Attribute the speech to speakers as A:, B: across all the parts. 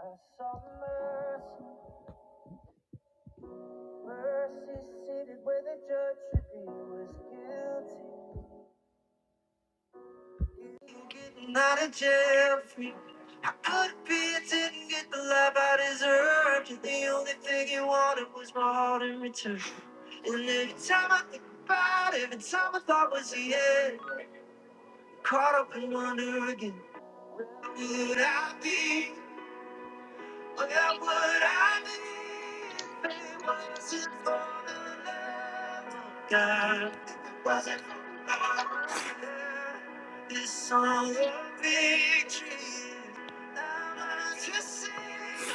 A: I saw mercy, mercy seated where the judge should be. Was guilty. Getting out of jail free. I could be, I didn't get the life I deserved. And the only thing you wanted was my heart in return. And every time I think about it, every time I thought was the end, caught up in wonder again. Where would I be? What would I be if it wasn't for the love of God? wasn't for the love of God, this song of victory. I must just sing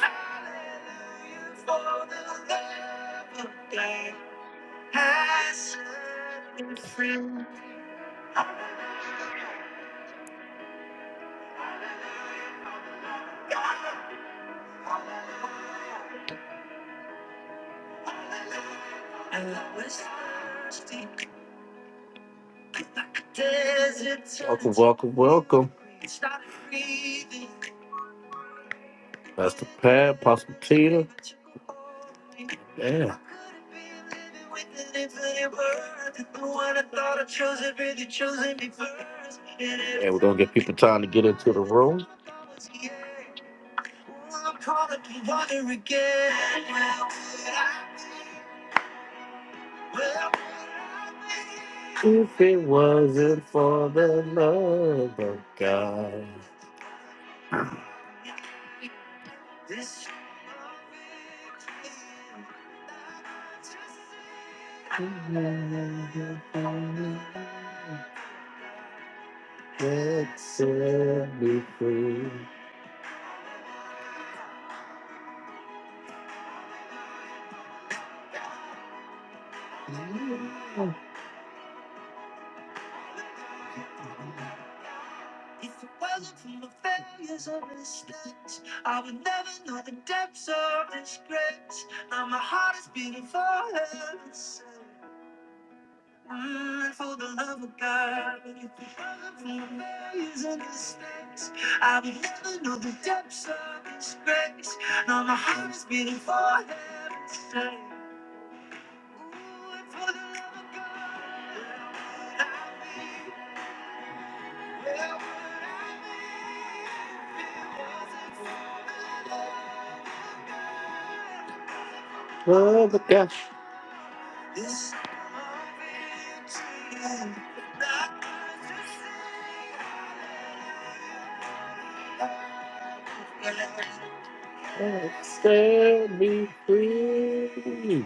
A: hallelujah for the love of God has set me free. And I was thirsty like a desert. Welcome, welcome, welcome. Started breathing. Pastor Pat, Pastor Peter. Yeah. And we're gonna get people time to get into the room. If it wasn't for the love of God. This that set me free. If it wasn't for my failures or mistakes, I would never know the depths of this grace. Now my heart is beating for heaven. burn for the love of God. Burn for amazing respect. I've never known the depths of His grace. Now my heart is beating for heaven's sake. Ooh, and for the love of God, where would I be? Where would I be if it wasn't for the love of God? Love of God. This Oh, Set me free.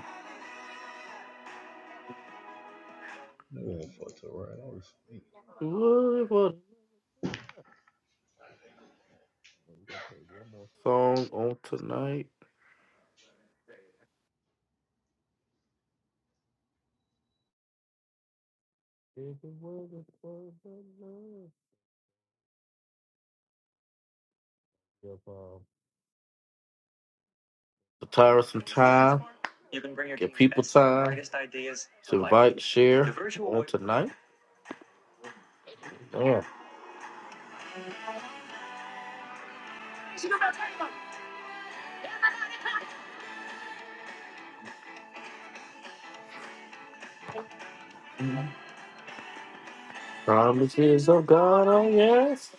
B: I one not fuck the right off me.
A: What what song on tonight? Retire some time. You can bring your give people best, time. brightest ideas to to life. invite, share on tonight. Yeah. Promises of God, oh yes.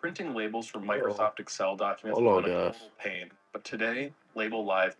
A: Printing labels from Microsoft Excel documents Hello, was a total pain, but today, Label Live.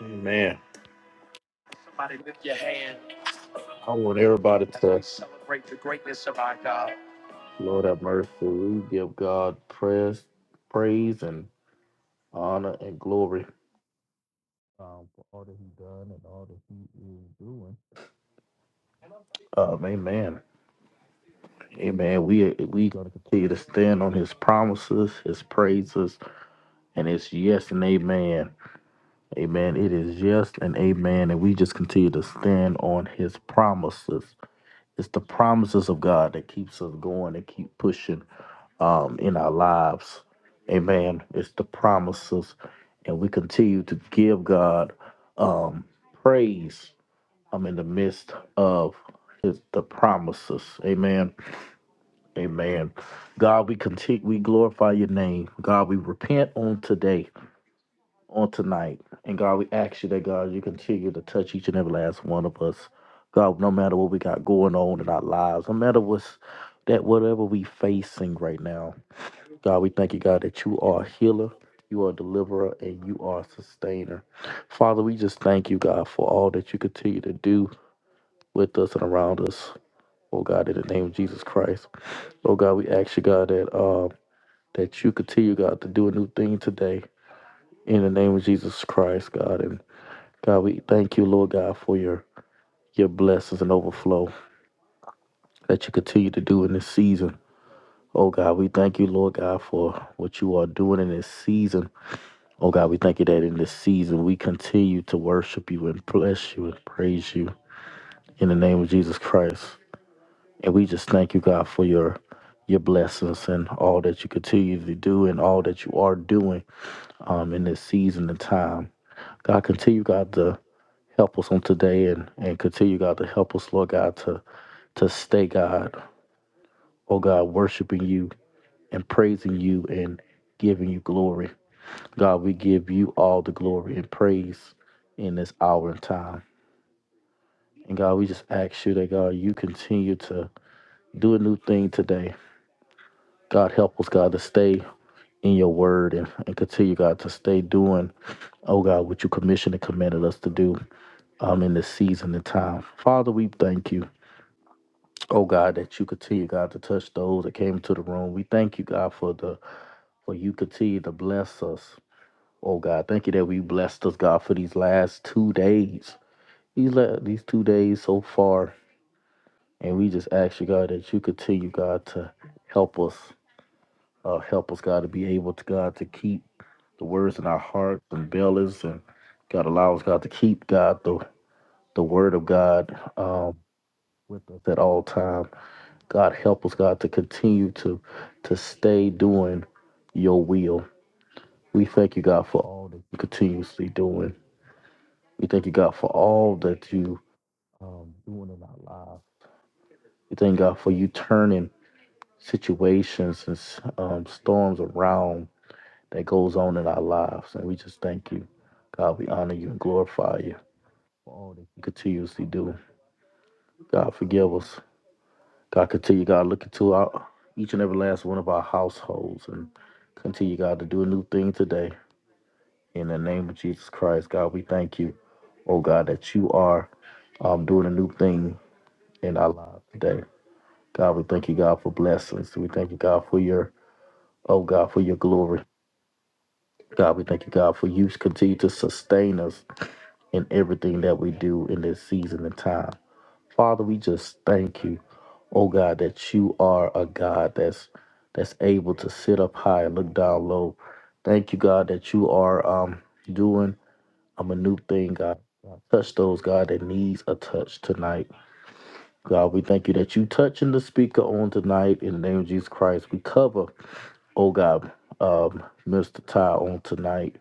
A: Amen. Somebody lift your hand I want everybody to celebrate the greatness of our God. Lord have mercy. We give God praise, praise and honor and glory um, for all that He's done and all that He is doing. Um, amen. Amen. We we gonna continue to stand on His promises, His praises, and His yes and amen. Amen. It is yes and amen. And we just continue to stand on his promises. It's the promises of God that keeps us going and keep pushing um, in our lives. Amen. It's the promises. And we continue to give God um, praise um, in the midst of his, the promises. Amen. Amen. God, we continue, we glorify your name. God, we repent on today on tonight. And God, we ask you that, God, you continue to touch each and every last one of us. God, no matter what we got going on in our lives, no matter what's that, whatever we facing right now, God, we thank you, God, that you are a healer, you are a deliverer, and you are a sustainer. Father, we just thank you, God, for all that you continue to do with us and around us. Oh God, in the name of Jesus Christ. Oh God, we ask you, God, that um that you continue, God, to do a new thing today. In the name of Jesus Christ, God. and. God, we thank you, Lord God, for your your blessings and overflow that you continue to do in this season. Oh God, we thank you, Lord God, for what you are doing in this season. Oh God, we thank you that in this season we continue to worship you and bless you and praise you in the name of Jesus Christ. And we just thank you, God, for your your blessings and all that you continue to do and all that you are doing um, in this season and time. God, continue, God, to help us on today and, and continue, God, to help us, Lord God, to to stay, God, oh God, worshiping you and praising you and giving you glory. God, we give you all the glory and praise in this hour and time. And God, we just ask you that, God, you continue to do a new thing today. God, help us, God, to stay in your word and, and continue, God, to stay doing, oh God, what you commissioned and commanded us to do um, in this season and time. Father, we thank you, oh God, that you continue, God, to touch those that came into the room. We thank you, God, for the for you continue to bless us. Oh God, thank you that we blessed us, God, for these last two days. These la- these two days so far. And we just ask you, God, that you continue, God, to help us. Uh, help us, God, to be able to, God, to keep the words in our hearts and bellies and God allow us, God, to keep God the the word of God um with us at all time. God help us, God, to continue to to stay doing your will. We thank you, God, for all that you continuously doing. We thank you, God, for all that you um, doing in our lives. We thank God for you turning situations and um, storms around that goes on in our lives. And we just thank you, God. We honor you and glorify you for all that you continuously do. God, forgive us. God, continue, God, look into our each and every last one of our households and continue, God, to do a new thing today. In the name of Jesus Christ, God, we thank you, oh God, that you are um, doing a new thing in our lives today. God, we thank you, God, for blessings. We thank you, God, for your, oh God, for your glory. God, we thank you, God, for you continue to sustain us in everything that we do in this season and time. Father, we just thank you, oh God, that you are a God that's that's able to sit up high and look down low. Thank you, God, that you are um, doing. I'm a new thing, God. Touch those, God, that needs a touch tonight. God, we thank you that you touching the speaker on tonight in the name of Jesus Christ. We cover, oh God, um, Mr. Ty on tonight.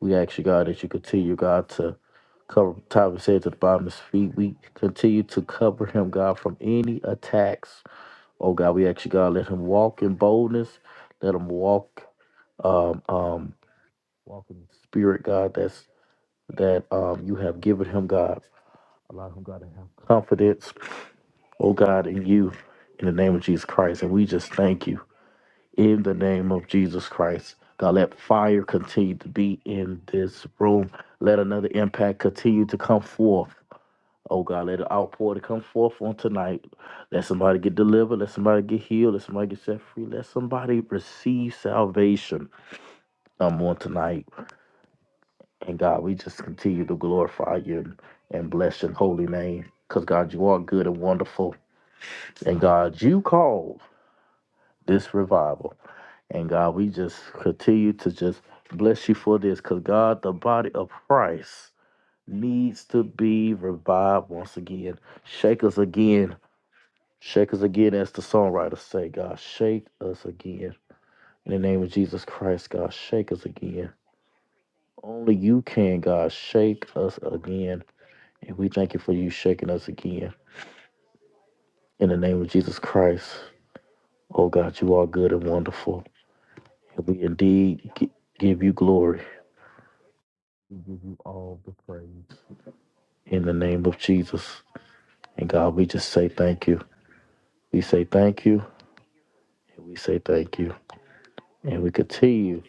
A: We ask you, God, that you continue, God, to cover Ty's said to the bottom of his feet. We continue to cover him, God, from any attacks. Oh God, we ask you, God, let him walk in boldness. Let him walk um um walk in the spirit, God. That's that um, you have given him, God. Allow him, God, to have confidence, oh God, in you, in the name of Jesus Christ. And we just thank you in the name of Jesus Christ. God, let fire continue to be in this room. Let another impact continue to come forth. Oh God, let an outpour to come forth on tonight. Let somebody get delivered. Let somebody get healed. Let somebody get set free. Let somebody receive salvation um, on tonight. And God, we just continue to glorify you and bless your holy name. Because God, you are good and wonderful. And God, you called this revival. And God, we just continue to just bless you for this. Because God, the body of Christ needs to be revived once again. Shake us again. Shake us again, as the songwriters say, God, shake us again. In the name of Jesus Christ, God, shake us again. Only you can, God, shake us again. And we thank you for you shaking us again. In the name of Jesus Christ, oh God, you are good and wonderful. And we indeed gi- give you glory. We give you all the praise. In the name of Jesus. And God, we just say thank you. We say thank you. And we say thank you. And we continue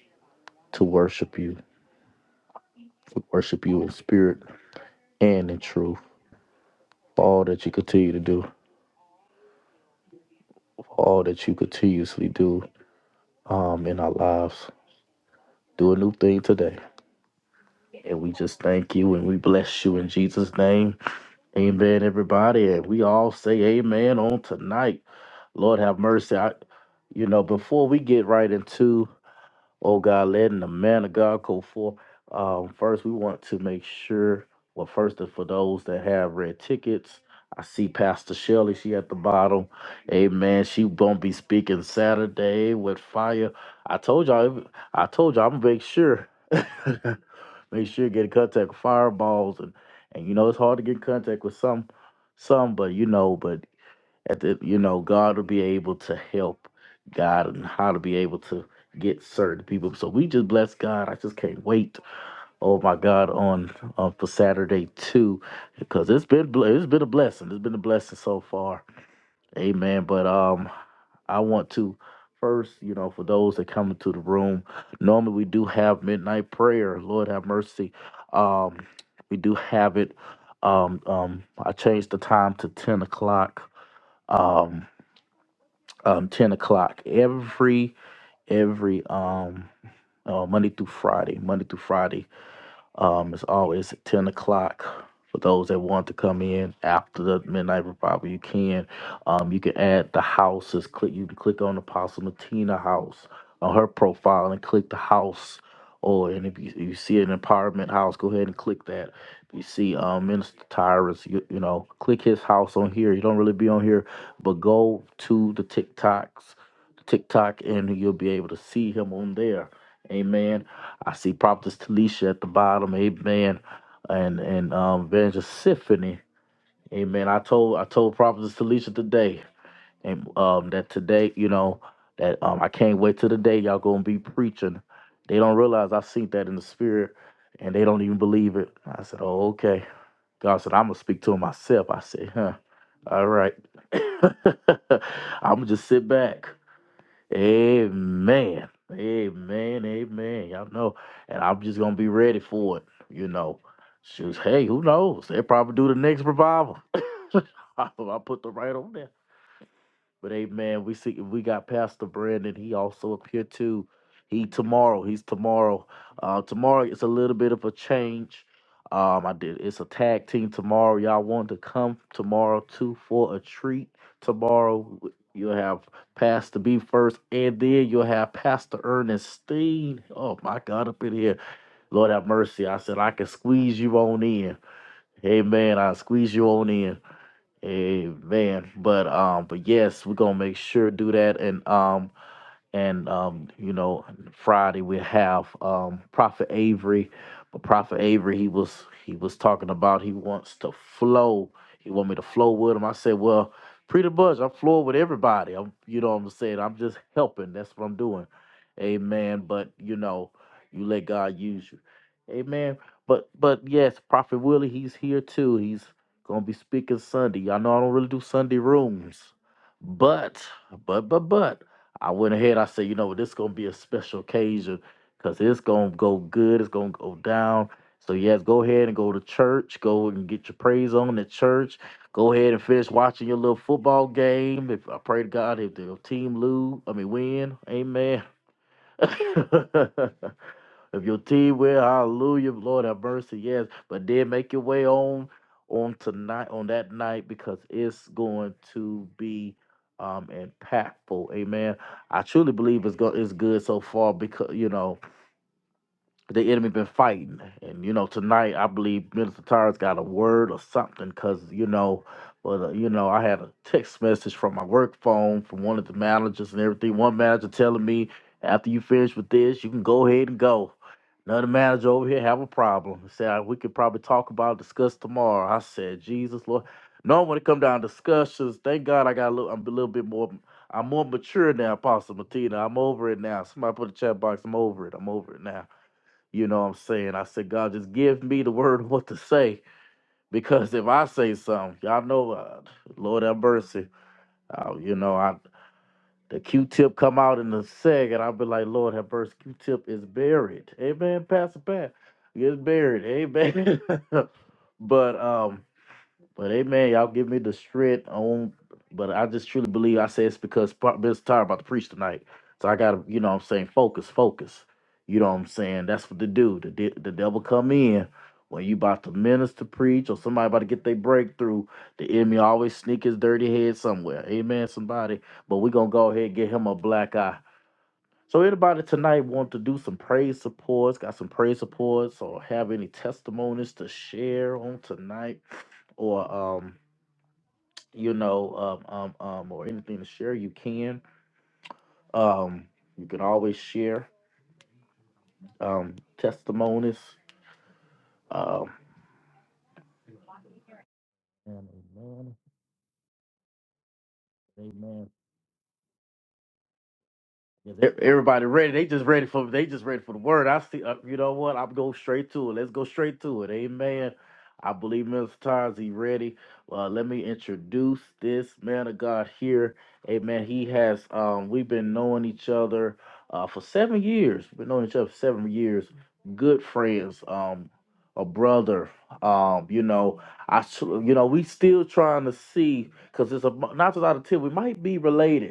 A: to worship you. We worship you in spirit and in truth. For all that you continue to do, for all that you continuously do um, in our lives. Do a new thing today. And we just thank you and we bless you in Jesus' name. Amen, everybody. And we all say amen on tonight. Lord have mercy. I, you know, before we get right into Oh God, letting the man of God go forth. Um, first, we want to make sure, well, first, and for those that have red tickets, I see Pastor Shelley, she at the bottom. Amen. She gonna be speaking Saturday with fire. I told y'all, I told y'all, I'm gonna make sure. make sure you get in contact with fireballs and and you know it's hard to get in contact with some some but you know but at the you know god will be able to help god and how to be able to get certain people so we just bless god i just can't wait oh my god on uh, for saturday too because it's been ble- it's been a blessing it's been a blessing so far amen but um i want to first you know for those that come into the room normally we do have midnight prayer lord have mercy um we do have it um um i changed the time to 10 o'clock um um, ten o'clock every every um, uh, Monday through Friday. Monday through Friday um, it's always at 10 o'clock. For those that want to come in after the midnight revival, you can. Um, you can add the houses. Click you can click on Apostle Matina house on her profile and click the house. Or and if you, you see an apartment house, go ahead and click that. If you see um, Minister Tyrus, you, you know, click his house on here. You don't really be on here, but go to the TikToks, TikTok, and you'll be able to see him on there. Amen. I see Prophetess Talisha at the bottom, amen, and and um, Evangelist Symphony, amen. I told I told Prophetess Talisha today, and um, that today, you know, that um, I can't wait till the day y'all gonna be preaching. They don't realize I seen that in the spirit, and they don't even believe it. I said, oh okay. God said, I'm gonna speak to him myself. I said, huh, all right. I'm gonna just sit back. Amen. Amen. Amen. Y'all know. And I'm just gonna be ready for it, you know. Shoot, hey, who knows? They'll probably do the next revival. I put the right on there. But hey, man, we see we got Pastor Brandon. He also up here too. He tomorrow. He's tomorrow. Uh, tomorrow it's a little bit of a change. Um, I did. It's a tag team tomorrow. Y'all want to come tomorrow too for a treat. Tomorrow you'll have Pastor B first, and then you'll have Pastor Ernestine. Oh my God, up in here, Lord have mercy. I said I can squeeze you on in. Amen. I squeeze you on in. Amen. But um, but yes, we're gonna make sure to do that. And um, and um, you know, Friday we have um, Prophet Avery. But Prophet Avery, he was he was talking about he wants to flow. He want me to flow with him. I said, well, pretty much I'm flowing with everybody. I'm, you know, what I'm saying I'm just helping. That's what I'm doing. Amen. But you know, you let God use you. Amen. But but yes, Prophet Willie, he's here too. He's gonna be speaking Sunday. Y'all know I don't really do Sunday rooms, but but but but. I went ahead. I said, you know, this is gonna be a special occasion because it's gonna go good. It's gonna go down. So yes, go ahead and go to church. Go and get your praise on at church. Go ahead and finish watching your little football game. If I pray to God, if the team lose, I mean win, Amen. if your team win, hallelujah, Lord have mercy, yes. But then make your way on on tonight, on that night, because it's going to be um impactful. Amen. I truly believe it's go it's good so far because you know the enemy been fighting. And you know, tonight I believe Minister Tyra's got a word or something because you know, but uh, you know, I had a text message from my work phone from one of the managers and everything. One manager telling me after you finish with this, you can go ahead and go. Another manager over here have a problem. He said "Uh, we could probably talk about discuss tomorrow. I said, Jesus Lord. No, when it come down to discussions, thank God I got a little. I'm a little bit more. I'm more mature now, Apostle Martina. I'm over it now. Somebody put a chat box. I'm over it. I'm over it now. You know what I'm saying? I said, God, just give me the word what to say. Because if I say something, y'all know, uh, Lord have mercy. Uh, you know, I the Q-tip come out in a 2nd I'll be like, Lord have mercy, Q-tip is buried. Amen, Pastor Pat. It's buried. Amen. but um, but hey, man, y'all give me the shit on. But I just truly believe I say it's because Pro- Biz tired about to preach tonight. So I gotta, you know what I'm saying, focus, focus. You know what I'm saying? That's what to do. The, de- the devil come in when you about to minister, preach, or somebody about to get their breakthrough. The enemy always sneak his dirty head somewhere. Amen, somebody. But we gonna go ahead and get him a black eye. So anybody tonight want to do some praise supports, got some praise supports, or have any testimonies to share on tonight? Or um you know, um, um, um, or anything to share, you can. Um, you can always share um, testimonies. Um, and amen, amen. Yeah, they- Everybody ready? They just ready for they just ready for the word. I see. Uh, you know what? I'm go straight to it. Let's go straight to it. Amen. I believe Mr. Tars he ready. Uh, let me introduce this man of God here. Amen. He has. Um, we've been knowing each other uh, for seven years. We've been knowing each other for seven years. Good friends. Um, a brother. Um, you know, I. s- You know, we still trying to see because it's a not just out of ten. We might be related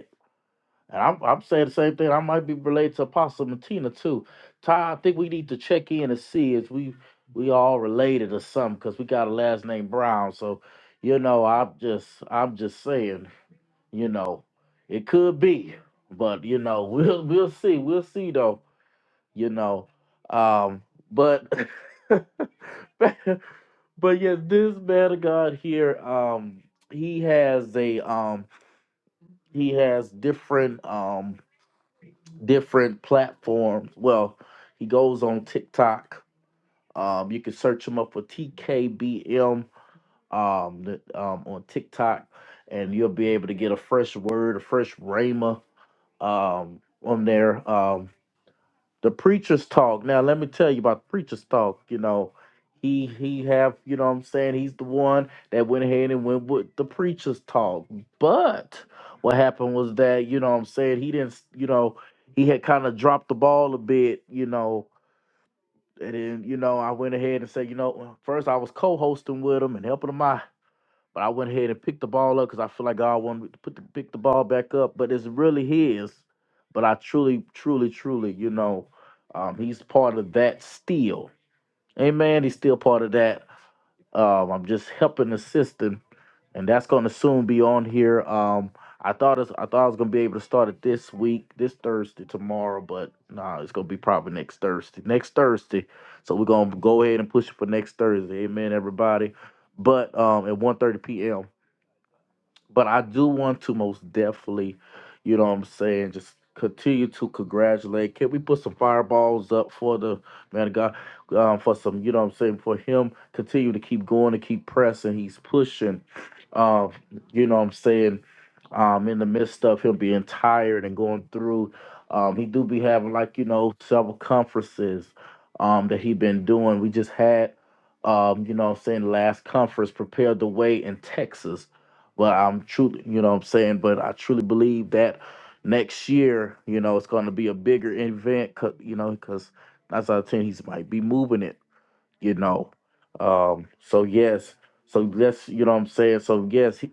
A: and I'm I'm saying the same thing. I might be related to Apostle Martina too. Ty, I think we need to check in and see if we we all related or something, because we got a last name Brown. So, you know, I'm just I'm just saying, you know, it could be. But, you know, we'll we'll see. We'll see though, you know. Um, but but yeah, this man of God here, um, he has a um he has different um different platforms. Well, he goes on TikTok. Um, you can search him up for TKBM um, the, um, on TikTok, and you'll be able to get a fresh word, a fresh rhema um, on there. Um, the preacher's talk. Now let me tell you about the preacher's talk. You know, he he have you know what I'm saying he's the one that went ahead and went with the preacher's talk. But what happened was that you know what I'm saying he didn't you know he had kind of dropped the ball a bit. You know. And then, you know, I went ahead and said, you know, well, first I was co-hosting with him and helping him out but I went ahead and picked the ball up because I feel like God wanted me to put the, pick the ball back up. But it's really His. But I truly, truly, truly, you know, um, He's part of that still. Amen. He's still part of that. Um, I'm just helping assisting, and that's going to soon be on here. Um, I thought it's, I thought I was going to be able to start it this week, this Thursday, tomorrow, but no, nah, it's going to be probably next Thursday. Next Thursday. So we're going to go ahead and push it for next Thursday. Amen, everybody but um at 1 p.m. But I do want to most definitely, you know what I'm saying, just continue to congratulate. Can we put some fireballs up for the man of God? Um, for some, you know what I'm saying, for him continue to keep going and keep pressing. He's pushing. Uh, you know what I'm saying? Um, in the midst of him being tired and going through, um, he do be having like, you know, several conferences um that he been doing. We just had um, you know what I'm saying, last conference, prepared the way in Texas but I'm truly, you know what I'm saying, but I truly believe that next year, you know, it's going to be a bigger event, 'cause- you know, because that's out of 10, he's might be moving it, you know. Um, so, yes, so let's, you know what I'm saying? So, yes, he,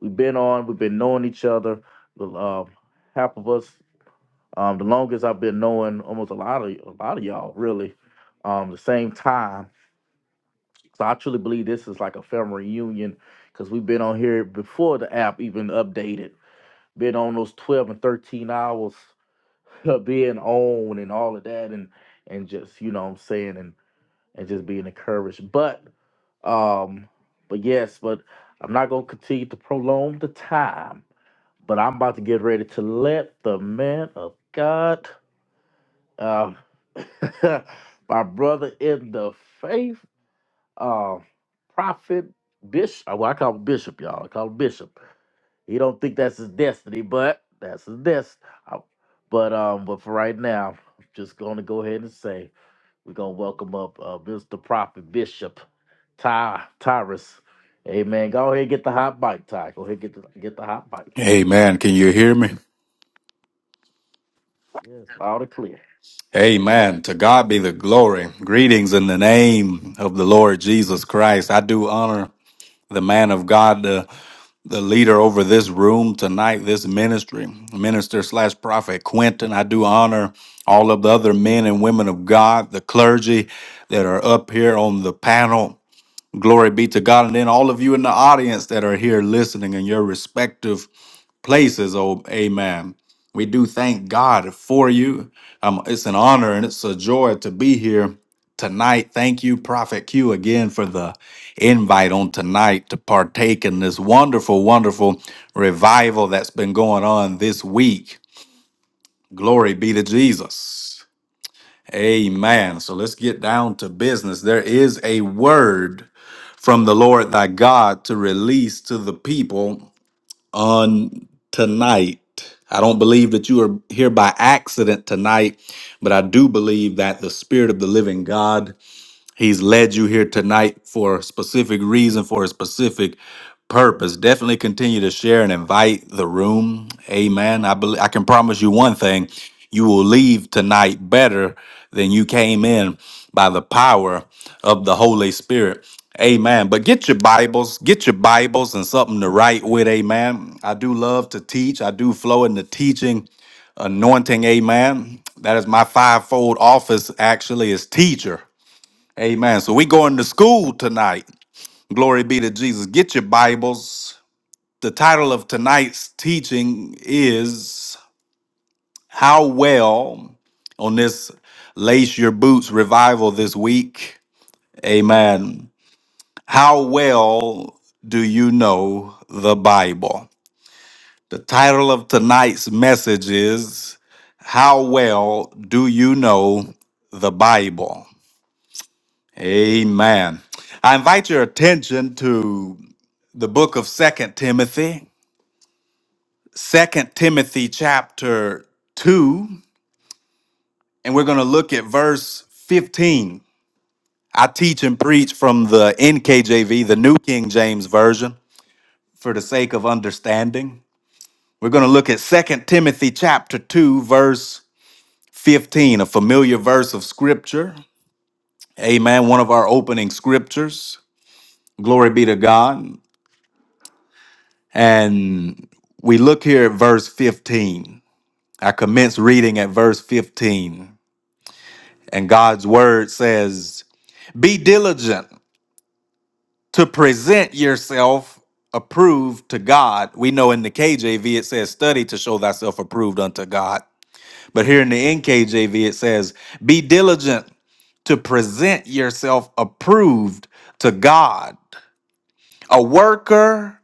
A: we've been on, we've been knowing each other, the, um, half of us, um, the longest I've been knowing almost a lot of a lot of y'all, really, um, the same time. So, I truly believe this is like a family reunion because we've been on here before the app even updated been on those 12 and 13 hours being on and all of that and and just, you know what I'm saying, and and just being encouraged. But um, but yes, but I'm not gonna continue to prolong the time, but I'm about to get ready to let the man of God uh, my brother in the faith, uh, prophet, bishop. Well, I call him bishop, y'all. I call him bishop. He don't think that's his destiny, but that's his destiny. But um, but for right now, I'm just gonna go ahead and say we're gonna welcome up uh, Mr. Prophet Bishop Ty Tyrus. Amen. Go ahead and get the hot bike, Ty. Go ahead and get the get the hot bike.
C: Amen. Can you hear me?
A: Yes, loud and clear.
C: Amen. To God be the glory. Greetings in the name of the Lord Jesus Christ. I do honor the man of God, the, the leader over this room tonight, this ministry, minister slash prophet Quentin. I do honor all of the other men and women of God, the clergy that are up here on the panel. Glory be to God. And then all of you in the audience that are here listening in your respective places, oh amen. We do thank God for you. Um, it's an honor and it's a joy to be here tonight. Thank you, Prophet Q, again for the invite on tonight to partake in this wonderful, wonderful revival that's been going on this week. Glory be to Jesus. Amen. So let's get down to business. There is a word from the Lord thy God to release to the people on tonight. I don't believe that you are here by accident tonight, but I do believe that the Spirit of the living God He's led you here tonight for a specific reason, for a specific purpose. Definitely continue to share and invite the room. Amen. I believe I can promise you one thing: you will leave tonight better than you came in by the power of the Holy Spirit. Amen. But get your Bibles, get your Bibles and something to write with. Amen. I do love to teach. I do flow in the teaching anointing. Amen. That is my fivefold office. Actually, is teacher. Amen. So we going to school tonight. Glory be to Jesus. Get your Bibles. The title of tonight's teaching is How Well on this Lace Your Boots revival this week. Amen. How well do you know the Bible? The title of tonight's message is How Well Do You Know the Bible? Amen. I invite your attention to the book of second timothy second timothy chapter 2 and we're going to look at verse 15 i teach and preach from the nkjv the new king james version for the sake of understanding we're going to look at second timothy chapter 2 verse 15 a familiar verse of scripture amen one of our opening scriptures glory be to god and we look here at verse 15 I commence reading at verse 15, and God's word says, Be diligent to present yourself approved to God. We know in the KJV it says, Study to show thyself approved unto God. But here in the NKJV it says, Be diligent to present yourself approved to God, a worker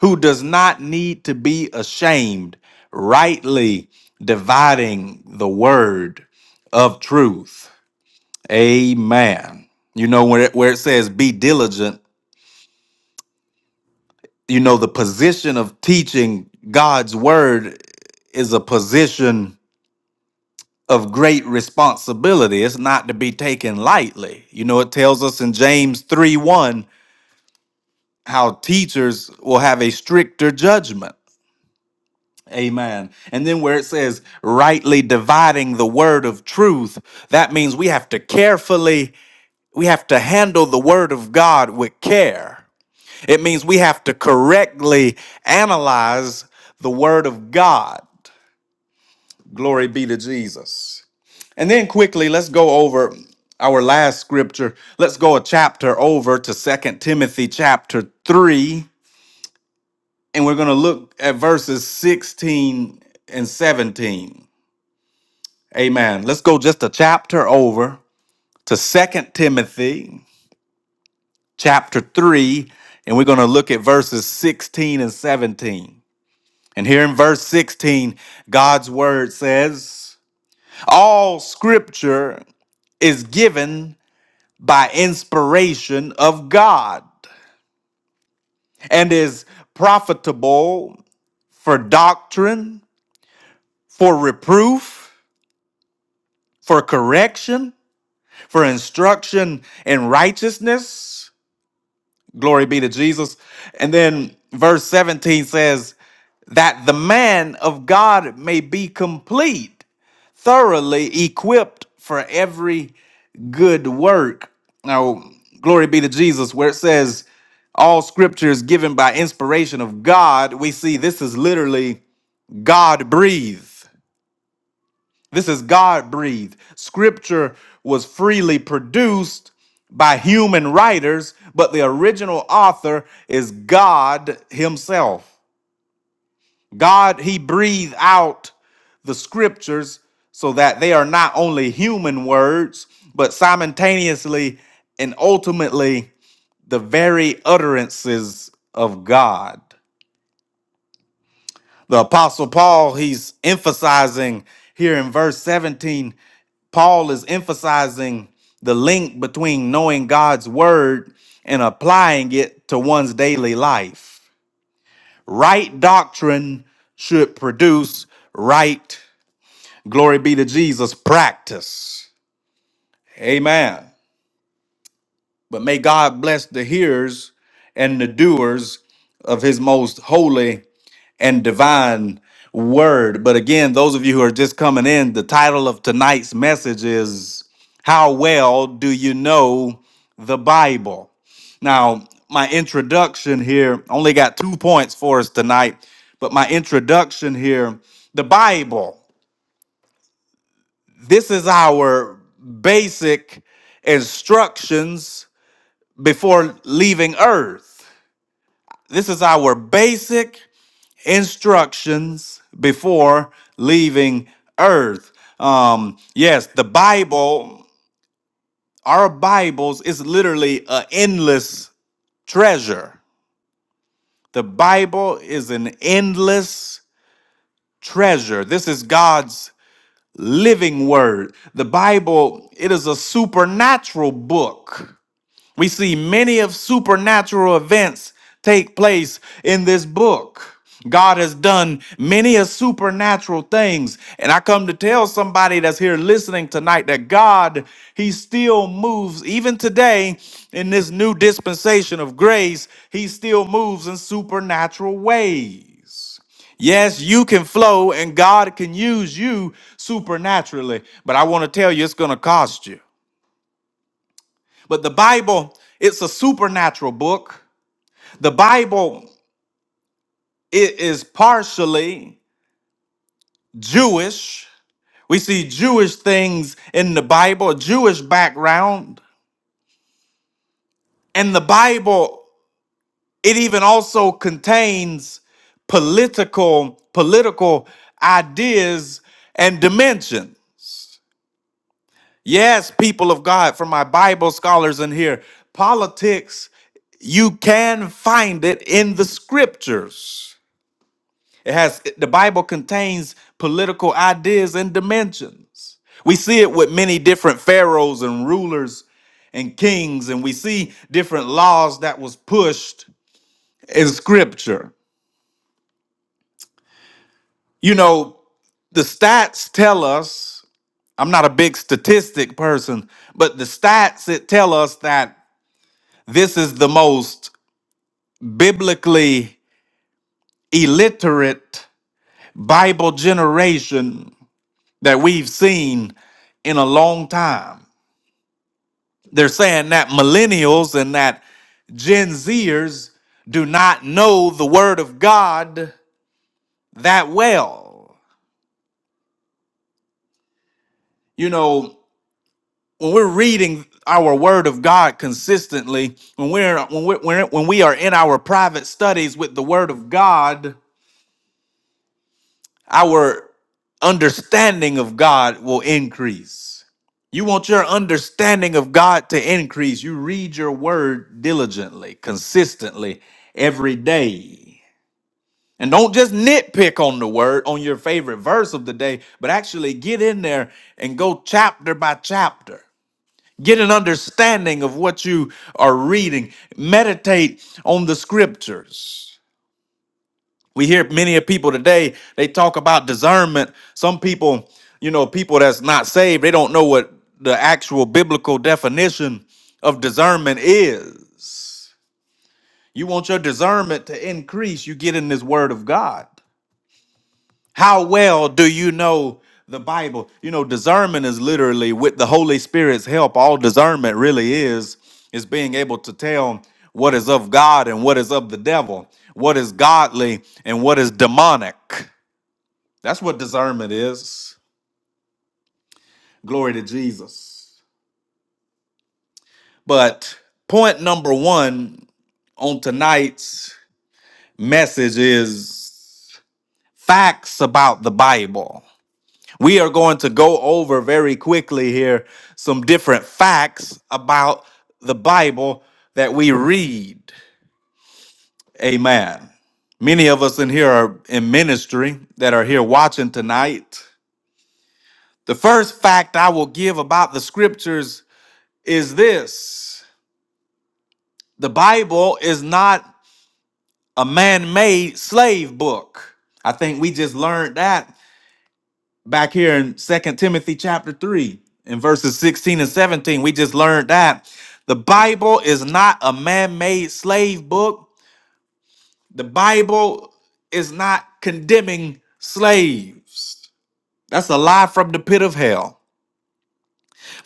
C: who does not need to be ashamed, rightly dividing the word of truth. Amen. You know where it, where it says be diligent, you know the position of teaching God's word is a position of great responsibility. It's not to be taken lightly. You know it tells us in James three one how teachers will have a stricter judgment. Amen. And then where it says rightly dividing the word of truth, that means we have to carefully we have to handle the word of God with care It means we have to correctly analyze the Word of God. Glory be to Jesus. And then quickly, let's go over our last scripture. Let's go a chapter over to Second Timothy chapter 3, and we're going to look at verses 16 and 17. Amen. Let's go just a chapter over to Second Timothy chapter 3, and we're going to look at verses 16 and 17. And here in verse 16, God's word says, All scripture is given by inspiration of God and is profitable for doctrine, for reproof, for correction, for instruction in righteousness. Glory be to Jesus. And then verse 17 says, That the man of God may be complete thoroughly equipped for every good work. Now, glory be to Jesus, where it says, all scripture is given by inspiration of God, we see this is literally God breathed. This is God breathed. Scripture was freely produced by human writers, but the original author is God Himself. God, He breathed out the scriptures so that they are not only human words, but simultaneously and ultimately the very utterances of God. The Apostle Paul, he's emphasizing here in verse 17, Paul is emphasizing the link between knowing God's word and applying it to one's daily life. Right doctrine should produce right Glory be to Jesus. Practice. Amen. But may God bless the hearers and the doers of his most holy and divine word. But again, those of you who are just coming in, the title of tonight's message is How Well Do You Know the Bible? Now, my introduction here only got two points for us tonight, but my introduction here, the Bible. This is our basic instructions before leaving earth. This is our basic instructions before leaving earth. Um, yes, the Bible, our Bibles is literally an endless treasure. The Bible is an endless treasure. This is God's living word. The Bible, it is a supernatural book. We see many of supernatural events take place in this book. God has done many of supernatural things. And I come to tell somebody that's here listening tonight that God, He still moves, even today in this new dispensation of grace, He still moves in supernatural ways. Yes, you can flow and God can use you supernaturally, but I want to tell you it's going to cost you. But the Bible, it's a supernatural book. The Bible, it is partially Jewish. We see Jewish things in the Bible, a Jewish background. And the Bible, it even also contains political political ideas and dimension. Yes, people of God, for my Bible scholars in here, politics, you can find it in the scriptures. It has the Bible contains political ideas and dimensions. We see it with many different pharaohs and rulers and kings and we see different laws that was pushed in scripture. You know, the stats tell us, I'm not a big statistic person, but the stats it tell us that this is the most biblically illiterate Bible generation that we've seen in a long time. They're saying that millennials and that Gen Zers do not know the Word of God that well. You know, when we're reading our Word of God consistently, when we're when we're, when when we are in our private studies with the Word of God, our understanding of God will increase. You want your understanding of God to increase. You read your Word diligently, consistently, every day. And don't just nitpick on the word on your favorite verse of the day, but actually get in there and go chapter by chapter. Get an understanding of what you are reading. Meditate on the scriptures. We hear many of people today, they talk about discernment. Some people, you know, people that's not saved, they don't know what the actual biblical definition of discernment is. You want your discernment to increase, you get in this word of God. How well do you know the Bible? You know, discernment is literally with the Holy Spirit's help. All discernment really is is being able to tell what is of God and what is of the devil, what is godly and what is demonic. That's what discernment is. Glory to Jesus. But point number 1 on tonight's message is facts about the Bible. We are going to go over very quickly here some different facts about the Bible that we read. Amen. Many of us in here are in ministry that are here watching tonight. The first fact I will give about the scriptures is this the Bible is not a man made slave book. I think we just learned that back here in second timothy chapter 3 in verses 16 and 17 we just learned that the bible is not a man-made slave book the bible is not condemning slaves that's a lie from the pit of hell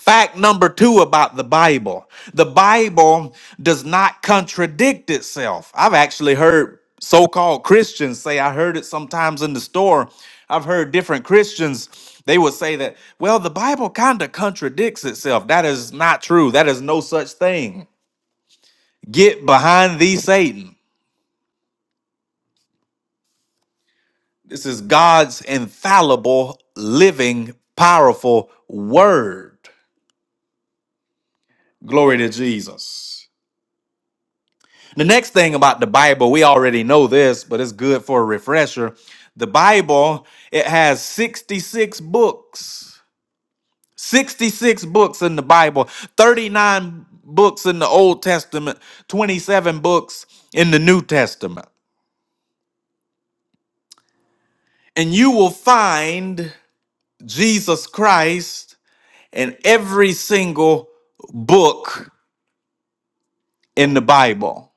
C: Fact number two about the Bible the Bible does not contradict itself. I've actually heard so called Christians say, I heard it sometimes in the store. I've heard different Christians, they would say that, well, the Bible kind of contradicts itself. That is not true. That is no such thing. Get behind thee, Satan. This is God's infallible, living, powerful word. Glory to Jesus. The next thing about the Bible, we already know this, but it's good for a refresher. The Bible, it has 66 books. 66 books in the Bible, 39 books in the Old Testament, 27 books in the New Testament. And you will find Jesus Christ in every single book in the Bible.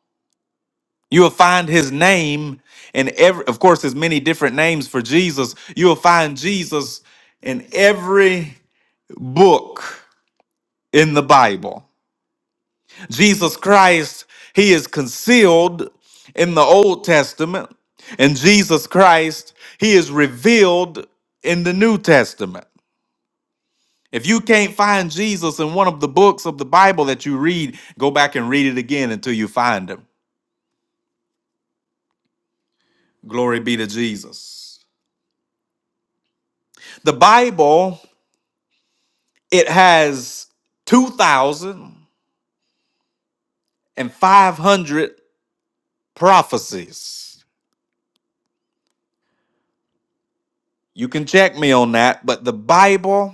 C: You will find his name in every, of course, there's many different names for Jesus. You will find Jesus in every book in the Bible. Jesus Christ, he is concealed in the Old Testament, and Jesus Christ, he is revealed in the New Testament. If you can't find Jesus in one of the books of the Bible that you read, go back and read it again until you find him. Glory be to Jesus. The Bible It has 2,500 prophecies. You can check me on that, but the Bible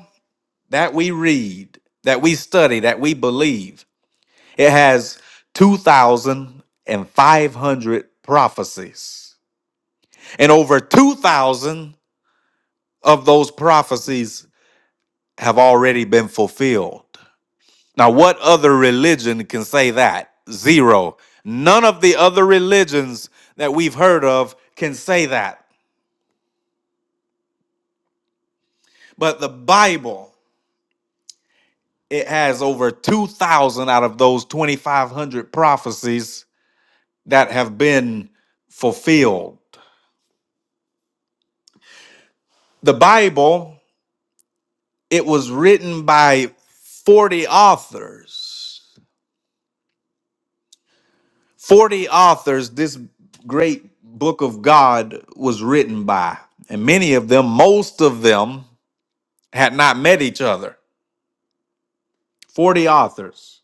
C: that we read, that we study, that we believe, it has 2,500 prophecies. And over 2,000 of those prophecies have already been fulfilled. Now, what other religion can say that? Zero. None of the other religions that we've heard of can say that. But the Bible, it has over 2,000 out of those 2,500 prophecies that have been fulfilled. The Bible, it was written by 40 authors. 40 authors, this great book of God was written by. And many of them, most of them, had not met each other. 40 authors.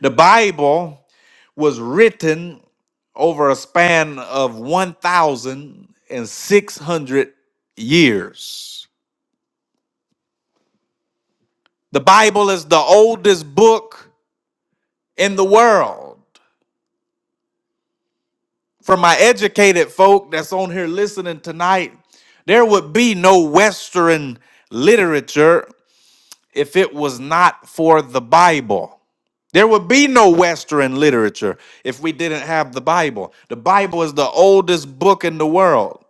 C: The Bible was written over a span of 1,600 years. The Bible is the oldest book in the world. For my educated folk that's on here listening tonight, there would be no Western literature if it was not for the Bible. There would be no Western literature if we didn't have the Bible. The Bible is the oldest book in the world.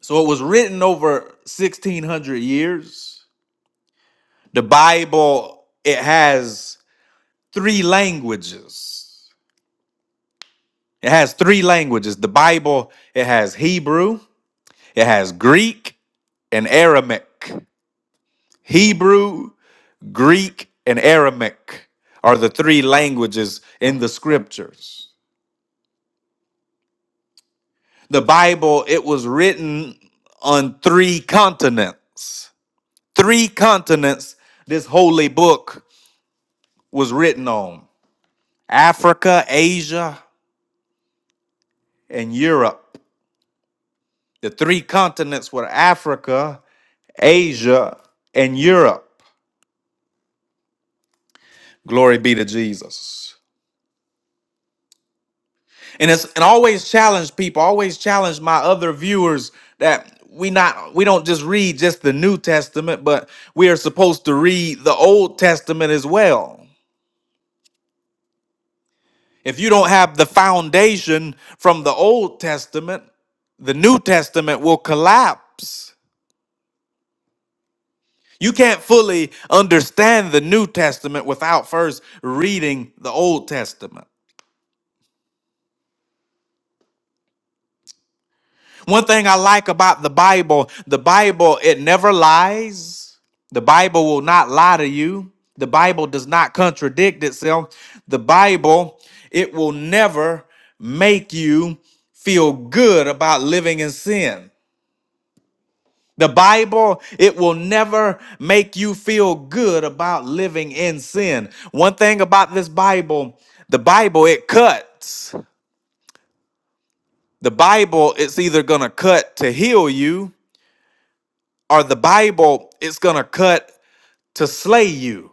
C: So it was written over 1600 years. The Bible, it has three languages. It has three languages. The Bible, it has Hebrew, it has Greek, and Aramaic. Hebrew, Greek, and Aramaic are the three languages in the scriptures. The Bible, it was written on three continents. Three continents this holy book was written on Africa, Asia, and Europe. The three continents were Africa, Asia, and Europe. Glory be to Jesus. And it's and always challenge people, always challenge my other viewers that we not we don't just read just the New Testament, but we are supposed to read the Old Testament as well. If you don't have the foundation from the Old Testament, the New Testament will collapse. You can't fully understand the New Testament without first reading the Old Testament. One thing I like about the Bible, the Bible, it never lies. The Bible will not lie to you. The Bible does not contradict itself. The Bible, it will never make you feel good about living in sin. The Bible, it will never make you feel good about living in sin. One thing about this Bible, the Bible, it cuts. The Bible, it's either going to cut to heal you or the Bible, it's going to cut to slay you.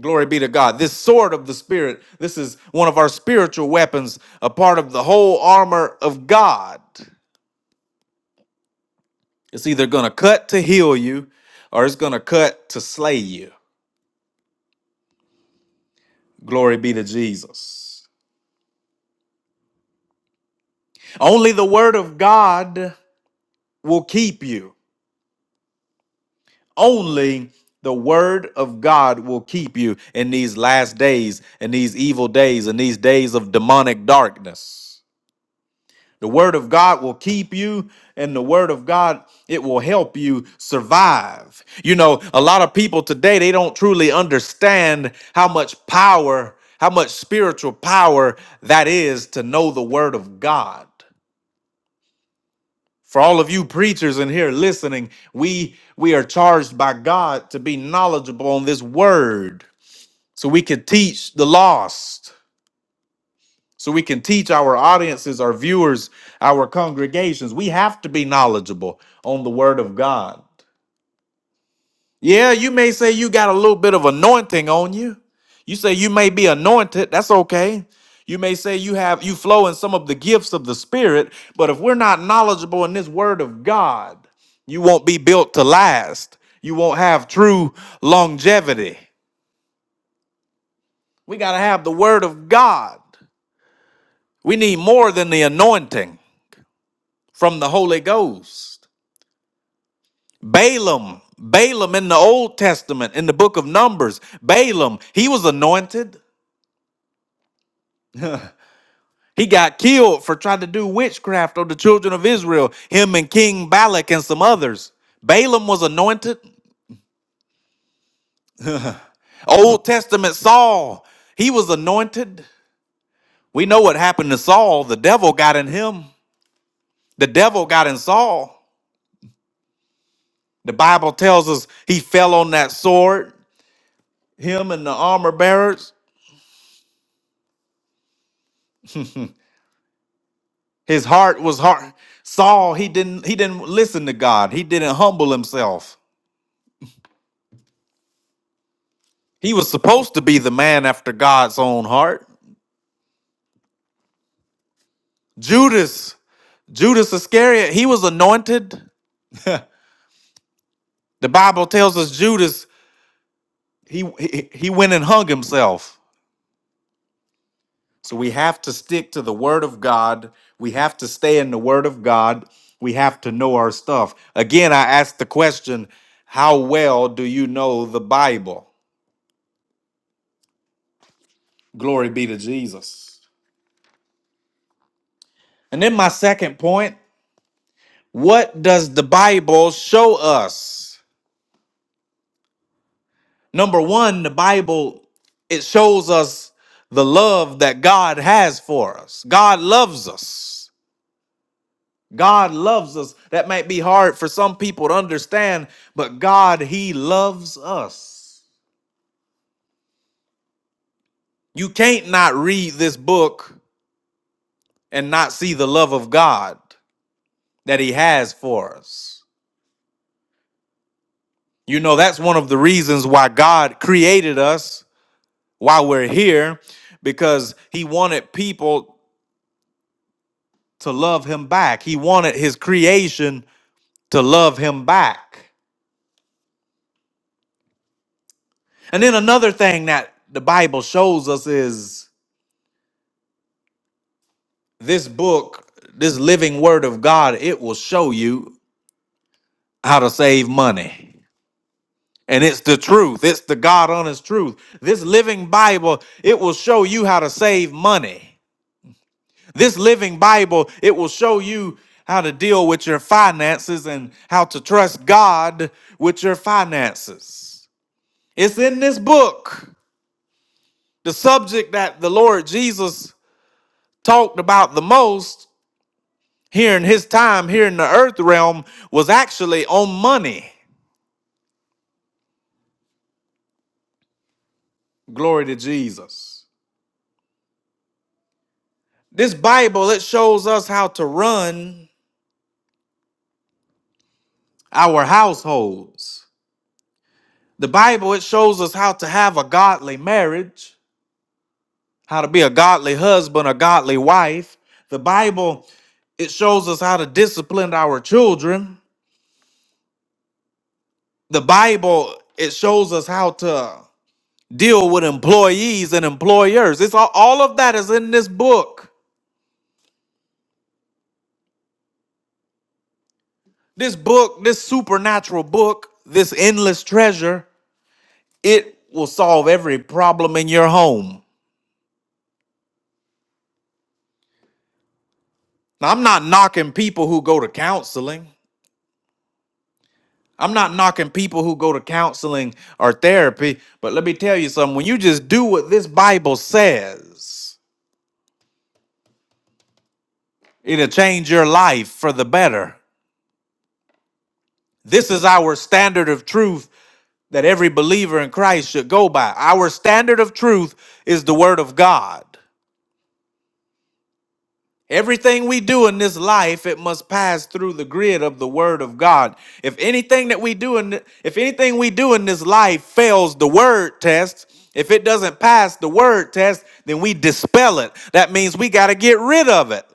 C: Glory be to God. This sword of the Spirit, this is one of our spiritual weapons, a part of the whole armor of God. It's either going to cut to heal you or it's going to cut to slay you. Glory be to Jesus. Only the word of God will keep you. Only the word of God will keep you in these last days, in these evil days, in these days of demonic darkness. The word of God will keep you, and the word of God, it will help you survive. You know, a lot of people today, they don't truly understand how much power, how much spiritual power that is to know the word of God. For all of you preachers in here listening, we we are charged by God to be knowledgeable on this word so we can teach the lost. So we can teach our audiences, our viewers, our congregations. We have to be knowledgeable on the word of God. Yeah, you may say you got a little bit of anointing on you. You say you may be anointed. That's okay. You may say you have you flow in some of the gifts of the spirit, but if we're not knowledgeable in this word of God, you won't be built to last. You won't have true longevity. We got to have the word of God. We need more than the anointing from the Holy Ghost. Balaam, Balaam in the Old Testament, in the book of Numbers, Balaam, he was anointed. He got killed for trying to do witchcraft on the children of Israel, him and King Balak and some others. Balaam was anointed. Old Testament Saul, he was anointed. We know what happened to Saul. The devil got in him, the devil got in Saul. The Bible tells us he fell on that sword, him and the armor bearers. His heart was hard. Saul, he didn't he didn't listen to God. He didn't humble himself. He was supposed to be the man after God's own heart. Judas. Judas Iscariot, he was anointed. The Bible tells us Judas, he, he he went and hung himself. So we have to stick to the word of God. We have to stay in the word of God. We have to know our stuff. Again, I asked the question, how well do you know the Bible? Glory be to Jesus. And then my second point, what does the Bible show us? Number one, the Bible it shows us the love that God has for us. God loves us. God loves us. That might be hard for some people to understand, but God, He loves us. You can't not read this book and not see the love of God that He has for us. You know, that's one of the reasons why God created us, why we're here, because He wanted people to love him back. He wanted his creation to love him back. And then another thing that the Bible shows us is this book, this living word of God, it will show you how to save money. And it's the truth. It's the God honest truth. This living Bible, it will show you how to save money. This living Bible, it will show you how to deal with your finances and how to trust God with your finances. It's in this book. The subject that the Lord Jesus talked about the most here in his time here in the earth realm was actually on money. Glory to Jesus. This Bible, it shows us how to run our households. The Bible, it shows us how to have a godly marriage, how to be a godly husband, a godly wife. The Bible, it shows us how to discipline our children. The Bible, it shows us how to deal with employees and employers. It's all, all of that is in this book. This book, this supernatural book, this endless treasure, it will solve every problem in your home. Now, I'm not knocking people who go to counseling. I'm not knocking people who go to counseling or therapy, but let me tell you something. When you just do what this Bible says, it'll change your life for the better. This is our standard of truth that every believer in Christ should go by. Our standard of truth is the Word of God. Everything we do in this life, it must pass through the grid of the Word of God. If anything that we do in, if anything we do in this life fails the Word test, if it doesn't pass the Word test, then we dispel it. That means we got to get rid of it.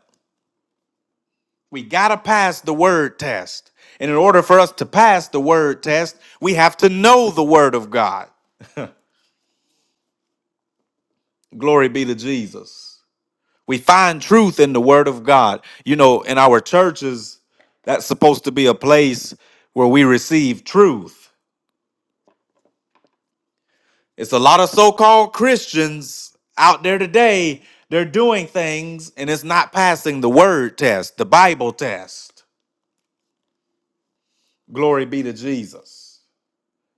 C: We got to pass the word test. And in order for us to pass the word test, we have to know the word of God. Glory be to Jesus. We find truth in the word of God. You know, in our churches, that's supposed to be a place where we receive truth. It's a lot of so called Christians out there today. They're doing things and it's not passing the word test, the Bible test. Glory be to Jesus.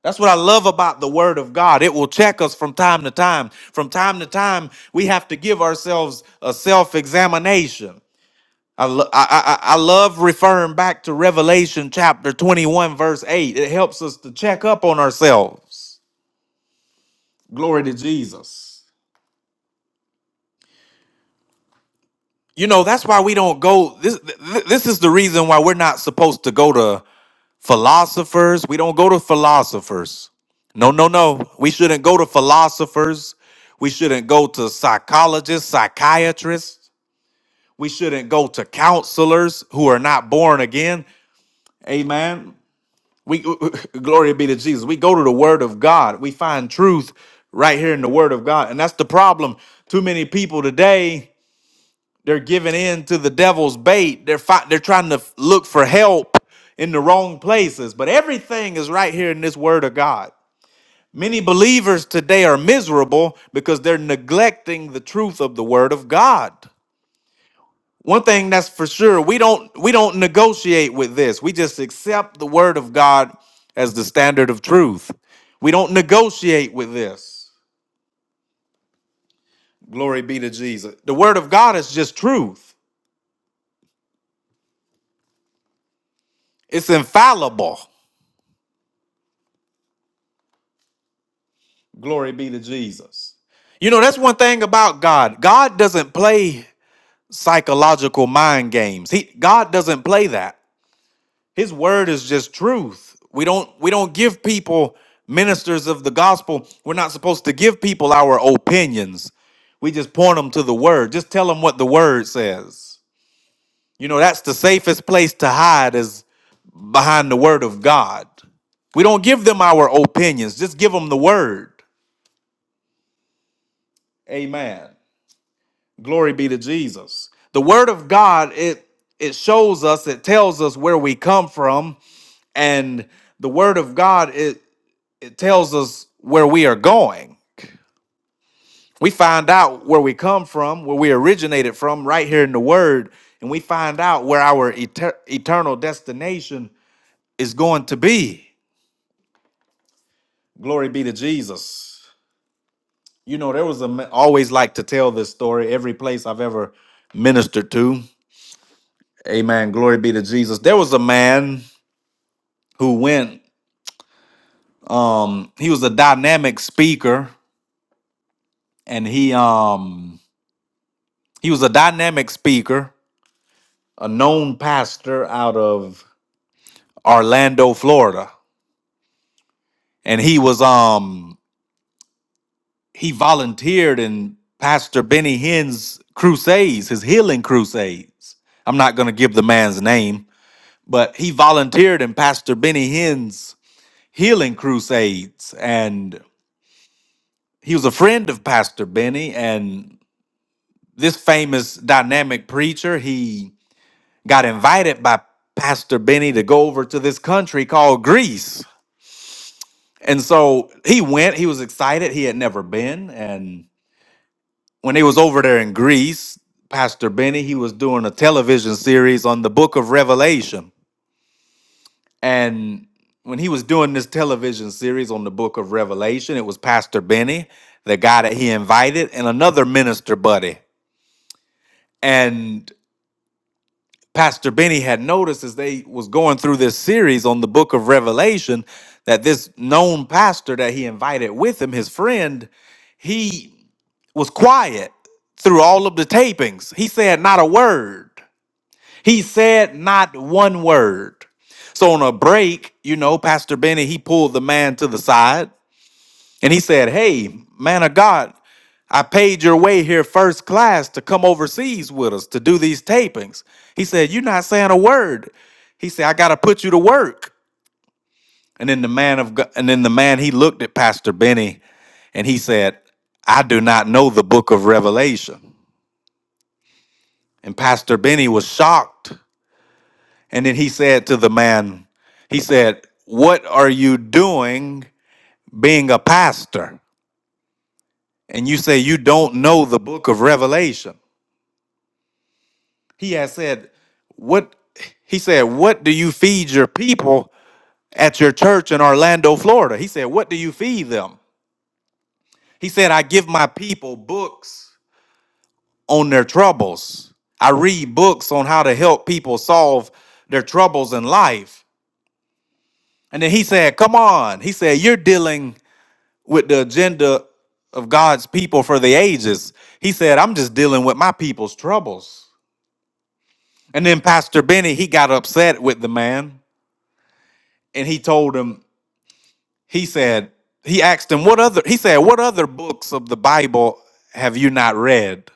C: That's what I love about the Word of God. It will check us from time to time. From time to time, we have to give ourselves a self examination. I, lo- I, I, I love referring back to Revelation chapter 21, verse 8. It helps us to check up on ourselves. Glory to Jesus. You know, that's why we don't go. This, th- th- this is the reason why we're not supposed to go to Philosophers, we don't go to philosophers. No, no, no. We shouldn't go to philosophers. We shouldn't go to psychologists, psychiatrists. We shouldn't go to counselors who are not born again. Amen. We glory be to Jesus. We go to the word of God. We find truth right here in the word of God. And that's the problem. Too many people today they're giving in to the devil's bait. They're fi- they're trying to f- look for help in the wrong places. But everything is right here in this word of God. Many believers today are miserable because they're neglecting the truth of the word of God. One thing that's for sure, we don't we don't negotiate with this. We just accept the word of God as the standard of truth. We don't negotiate with this. Glory be to Jesus. The word of God is just truth. It's infallible. Glory be to Jesus. You know, that's one thing about God. God doesn't play psychological mind games. He God doesn't play that. His word is just truth. We don't we don't give people ministers of the gospel. We're not supposed to give people our opinions. We just point them to the word. Just tell them what the word says. You know, that's the safest place to hide is behind the word of God. We don't give them our opinions. Just give them the word. Amen. Glory be to Jesus. The word of God, it it shows us, it tells us where we come from, and the word of God, it it tells us where we are going. We find out where we come from, where we originated from, right here in the word, and we find out where our eter- eternal destination is going to be. Glory be to Jesus. You know, there was a ma- always like to tell this story every place I've ever ministered to. Amen. Glory be to Jesus. There was a man. who went um he was a dynamic speaker and he um he was a dynamic speaker a known pastor out of Orlando Florida and he was um he volunteered in Pastor Benny Hinn's crusades his healing crusades I'm not going to give the man's name but he volunteered in Pastor Benny Hinn's healing crusades and he was a friend of Pastor Benny and this famous dynamic preacher, he got invited by Pastor Benny to go over to this country called Greece. And so he went, he was excited, he had never been. And when he was over there in Greece, Pastor Benny, he was doing a television series on the book of Revelation. And when he was doing this television series on the book of Revelation, it was Pastor Benny, the guy that he invited, and another minister buddy. And Pastor Benny had noticed as they was going through this series on the book of Revelation that this known pastor that he invited with him, his friend, he was quiet through all of the tapings. He said not a word. He said not one word. So on a break, you know, Pastor Benny, he pulled the man to the side and he said, Hey, man of God, I paid your way here first class to come overseas with us to do these tapings. He said, You're not saying a word. He said, I gotta put you to work. And then the man of God, and then the man he looked at Pastor Benny and he said, I do not know the book of Revelation. And Pastor Benny was shocked. And then he said to the man, he said, What are you doing being a pastor? And you say you don't know the book of Revelation. He has said, What he said, What do you feed your people at your church in Orlando, Florida? He said, What do you feed them? He said, I give my people books on their troubles. I read books on how to help people solve their troubles in life. And then he said, Come on. He said, You're dealing with the agenda of God's people for the ages. He said, I'm just dealing with my people's troubles. And then Pastor Benny, he got upset with the man and he told him he said he asked him what other he said what other books of the bible have you not read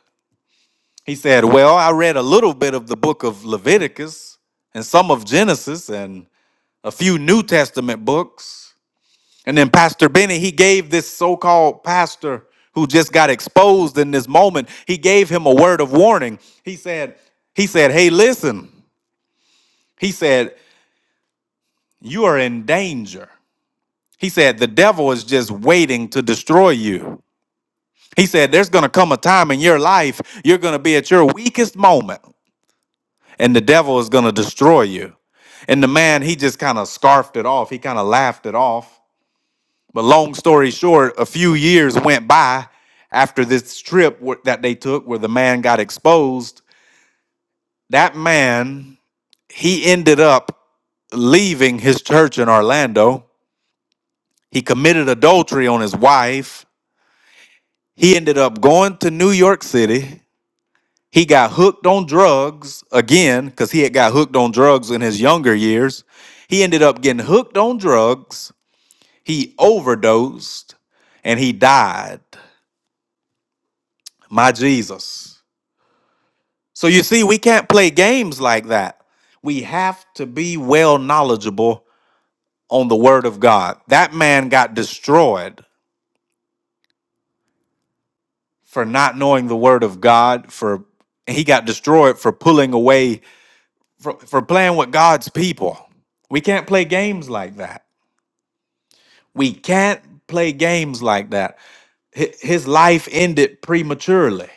C: he said well i read a little bit of the book of leviticus and some of genesis and a few new testament books and then pastor benny he gave this so-called pastor who just got exposed in this moment he gave him a word of warning he said he said hey listen he said you are in danger he said the devil is just waiting to destroy you He said, There's going to come a time in your life you're going to be at your weakest moment, and the devil is going to destroy you. And the man, he just kind of scarfed it off. He kind of laughed it off. But long story short, a few years went by after this trip wh- that they took where the man got exposed. That man, he ended up leaving his church in Orlando. He committed adultery on his wife. He ended up going to New York City He got hooked on drugs again because he had got hooked on drugs in his younger years. He ended up getting hooked on drugs. He overdosed and he died. My Jesus. So you see, we can't play games like that. We have to be well knowledgeable on the Word of God. That man got destroyed for not knowing the Word of God, for he got destroyed for pulling away, for, for playing with God's people. We can't play games like that. We can't play games like that. Hi- His life ended prematurely.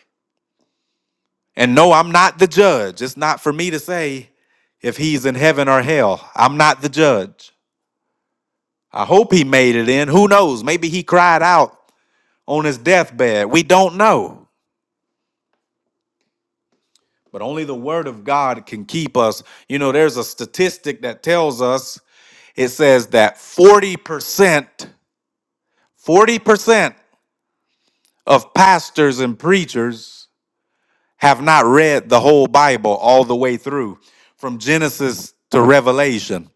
C: And no, I'm not the judge. It's not for me to say if he's in heaven or hell. I'm not the judge. I hope he made it in. Who knows? Maybe he cried out on his deathbed. We don't know. But only the word of God can keep us. You know, there's a statistic that tells us it says that 40%, 40% of pastors and preachers have not read the whole Bible all the way through from Genesis to Revelation,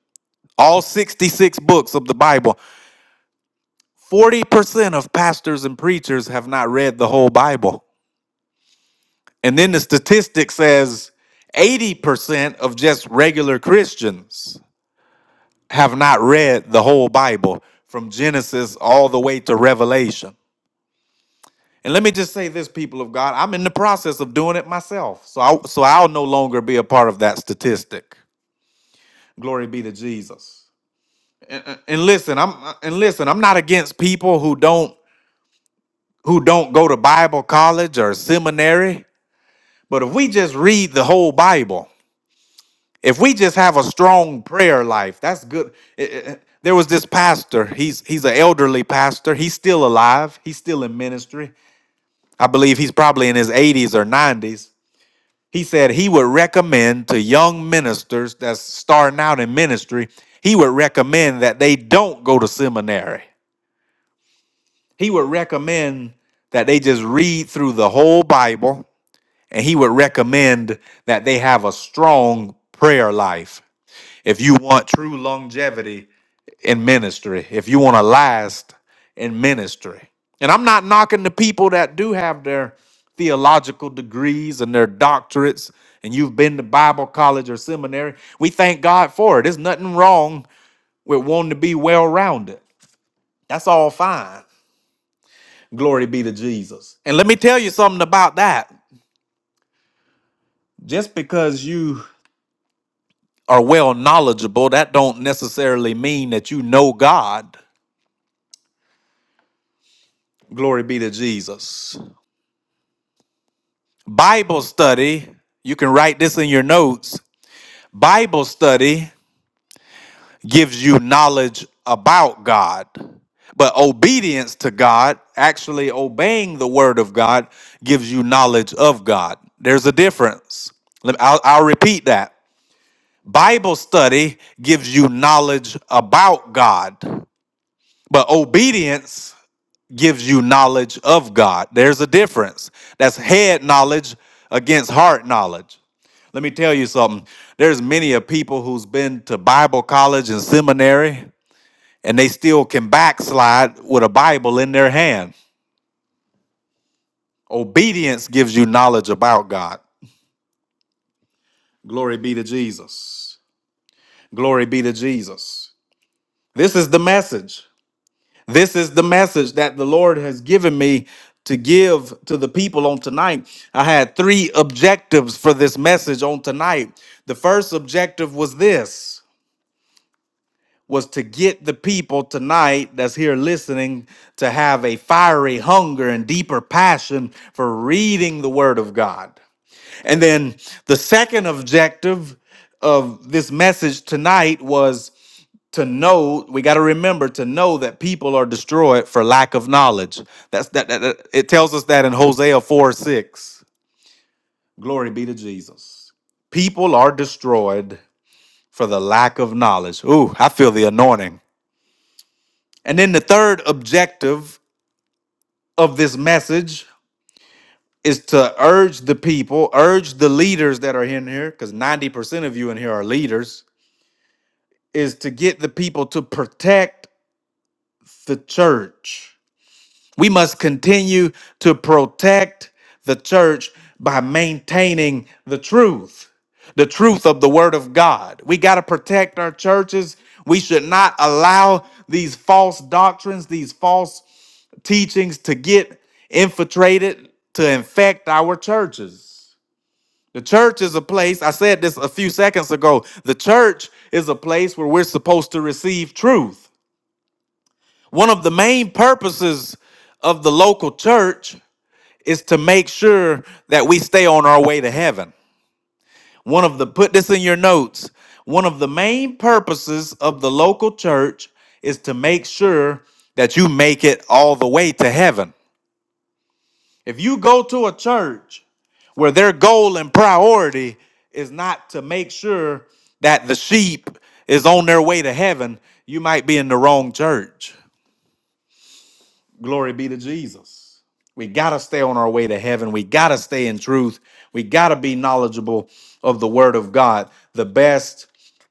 C: all 66 books of the Bible, 40% of pastors and preachers have not read the whole Bible. And then the statistic says 80% of just regular Christians have not read the whole Bible from Genesis all the way to Revelation. And let me just say this, people of God, I'm in the process of doing it myself. So I, so I'll no longer be a part of that statistic. Glory be to Jesus. And, and listen, I'm and listen, I'm not against people who don't who don't go to Bible college or seminary, but if we just read the whole Bible, if we just have a strong prayer life, that's good. Eh, eh, eh, There was this pastor. He's he's an elderly pastor. He's still alive. He's still in ministry. I believe he's probably in his 80s or 90s He said he would recommend to young ministers that's starting out in ministry, he would recommend that they don't go to seminary. He would recommend that they just read through the whole Bible, and he would recommend that they have a strong prayer life. If you want true longevity, in ministry, if you want to last in ministry. And I'm not knocking the people that do have their theological degrees and their doctorates, and you've been to Bible college or seminary. We thank God for it. There's nothing wrong with wanting to be well rounded. That's all fine. Glory be to Jesus. And let me tell you something about that. Just because you are well knowledgeable, that don't necessarily mean that you know God. Glory be to Jesus. Bible study, you can write this in your notes. Bible study gives you knowledge about God, but obedience to God, actually obeying the word of God, gives you knowledge of God. There's a difference. Let- I'll, I'll repeat that. Bible study gives you knowledge about God, but obedience gives you knowledge of God. There's a difference. That's head knowledge against heart knowledge. Let me tell you something. There's many of people who's been to Bible college and seminary and they still can backslide with a Bible in their hand. Obedience gives you knowledge about God. Glory be to Jesus. Glory be to Jesus. This is the message. This is the message that the Lord has given me to give to the people on tonight. I had three objectives for this message on tonight. The first objective was this was to get the people tonight that's here listening to have a fiery hunger and deeper passion for reading the word of God. And then the second objective of this message tonight was to know we got to remember to know that people are destroyed for lack of knowledge that's that, that, that- it tells us that in hosea 4 6 glory be to jesus people are destroyed for the lack of knowledge ooh i feel the anointing and then the third objective of this message is to urge the people urge the leaders that are in here because 90% of you in here are leaders is to get the people to protect the church We must continue to protect the church by maintaining the truth, the truth of the Word of God. We got to protect our churches. We should not allow these false doctrines, these false teachings to get infiltrated, to infect our churches. The church is a place, I said this a few seconds ago, the church is a place where we're supposed to receive truth. One of the main purposes of the local church is to make sure that we stay on our way to heaven. One of the, put this in your notes, one of the main purposes of the local church is to make sure that you make it all the way to heaven. If you go to a church where their goal and priority is not to make sure that the sheep is on their way to heaven, you might be in the wrong church. Glory be to Jesus. We got to stay on our way to heaven. We got to stay in truth. We got to be knowledgeable of the word of God the best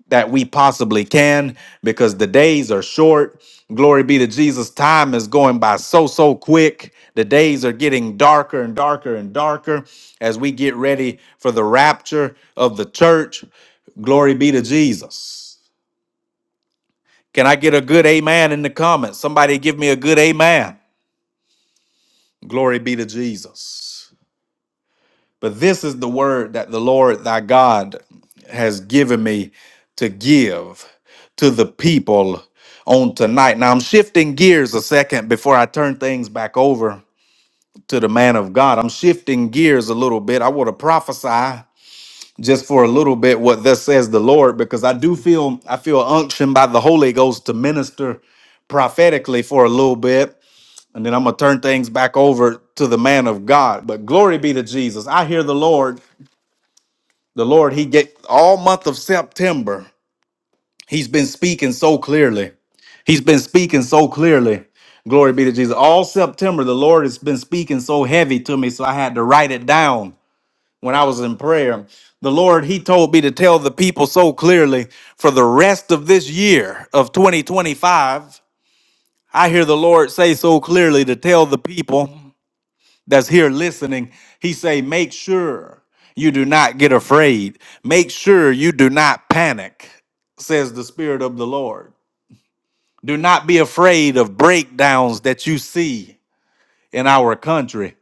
C: that we possibly can because the days are short. Glory be to Jesus. Time is going by so, so quick. The days are getting darker and darker and darker as we get ready for the rapture of the church. Glory be to Jesus. Can I get a good amen in the comments? Somebody give me a good amen. Glory be to Jesus. But this is the word that the Lord thy God has given me to give to the people on tonight. Now I'm shifting gears a second before I turn things back over to the man of God. I'm shifting gears a little bit. I want to prophesy just for a little bit what thus says the Lord because I do feel I feel unction by the Holy Ghost to minister prophetically for a little bit and then I'm gonna turn things back over to the man of God. But glory be to Jesus. I hear the Lord. The Lord, He get all month of September. He's been speaking so clearly. He's been speaking so clearly. Glory be to Jesus. All September, the Lord has been speaking so heavy to me, so I had to write it down when I was in prayer. The Lord, He told me to tell the people so clearly for the rest of this year of 2025. I hear the Lord say so clearly to tell the people that's here listening, he say, make sure you do not get afraid. Make sure you do not panic, says the Spirit of the Lord. Do not be afraid of breakdowns that you see in our country.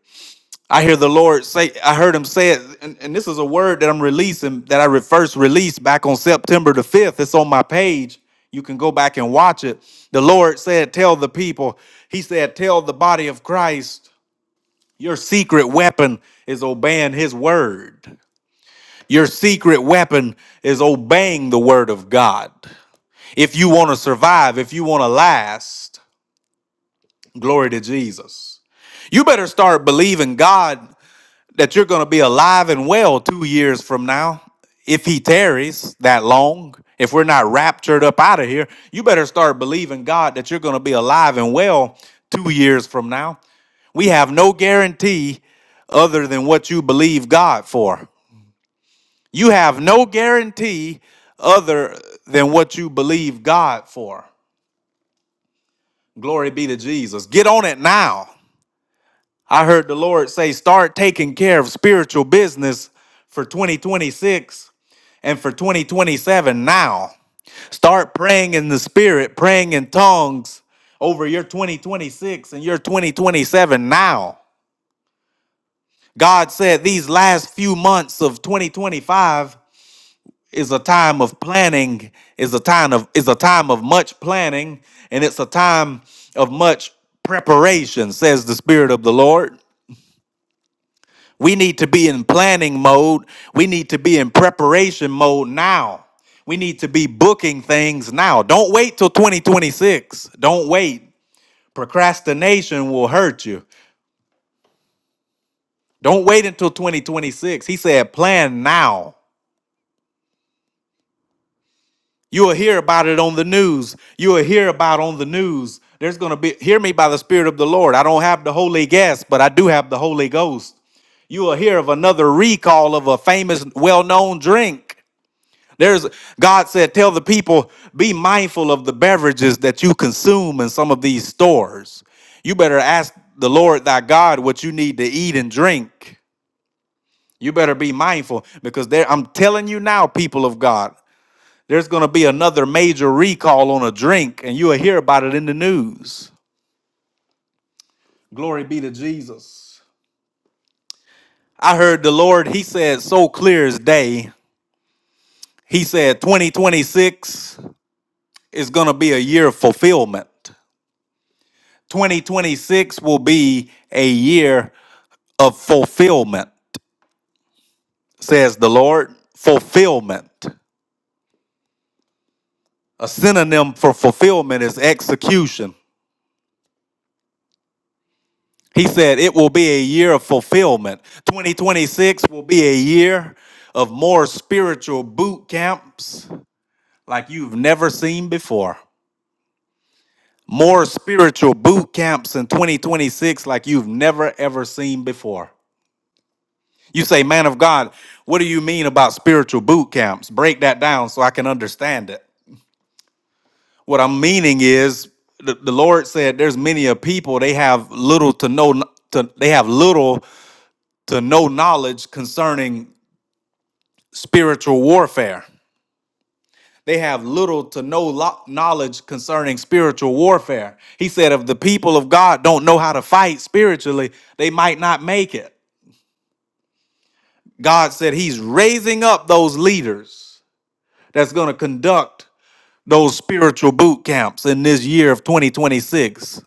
C: I hear the Lord say, I heard him say it, and, and this is a word that I'm releasing that I re- first released back on September the 5th. It's on my page. You can go back and watch it. The Lord said, Tell the people, He said, Tell the body of Christ your secret weapon is obeying his word. Your secret weapon is obeying the word of God. If you want to survive, if you want to last, glory to Jesus. You better start believing God that you're going to be alive and well two years from now if he tarries that long if we're not raptured up out of here you better start believing god that you're going to be alive and well two years from now we have no guarantee other than what you believe god for you have no guarantee other than what you believe god for glory be to jesus get on it now I heard the Lord say, start taking care of spiritual business for 2026 and for 2027 now. Start praying in the spirit, praying in tongues over your 2026 and your 2027 now. God said these last few months of 2025 is a time of planning, is a time of is a time of much planning, and it's a time of much preparation, says the spirit of the Lord. We need to be in planning mode. We need to be in preparation mode now. We need to be booking things now. Don't wait till 2026. Don't wait. Procrastination will hurt you. Don't wait until 2026. He said, plan now. You will hear about it on the news. You will hear about on the news. There's going to be, hear me by the Spirit of the Lord. I don't have the Holy Ghost, but I do have the Holy Ghost. You will hear of another recall of a famous, well known drink. There's God said, tell the people, be mindful of the beverages that you consume in some of these stores. You better ask the Lord thy God what you need to eat and drink. You better be mindful because there I'm telling you now, people of God, there's gonna be another major recall on a drink, and you'll hear about it in the news. Glory be to Jesus. I heard the Lord, he said so clear as day. He said 2026 is gonna be a year of fulfillment. 2026 will be a year of fulfillment, says the Lord. Fulfillment. A synonym for fulfillment is execution. He said it will be a year of fulfillment. 2026 will be a year of more spiritual boot camps like you've never seen before. More spiritual boot camps in 2026 like you've never ever seen before. You say, man of God, what do you mean about spiritual boot camps? Break that down so I can understand it. What I'm meaning is the, the Lord said there's many a people they have little to no to they have little to no knowledge concerning spiritual warfare. They have little to no lo- knowledge concerning spiritual warfare. He said if the people of God don't know how to fight spiritually, they might not make it. God said he's raising up those leaders that's going to conduct those spiritual boot camps in this year of 2026.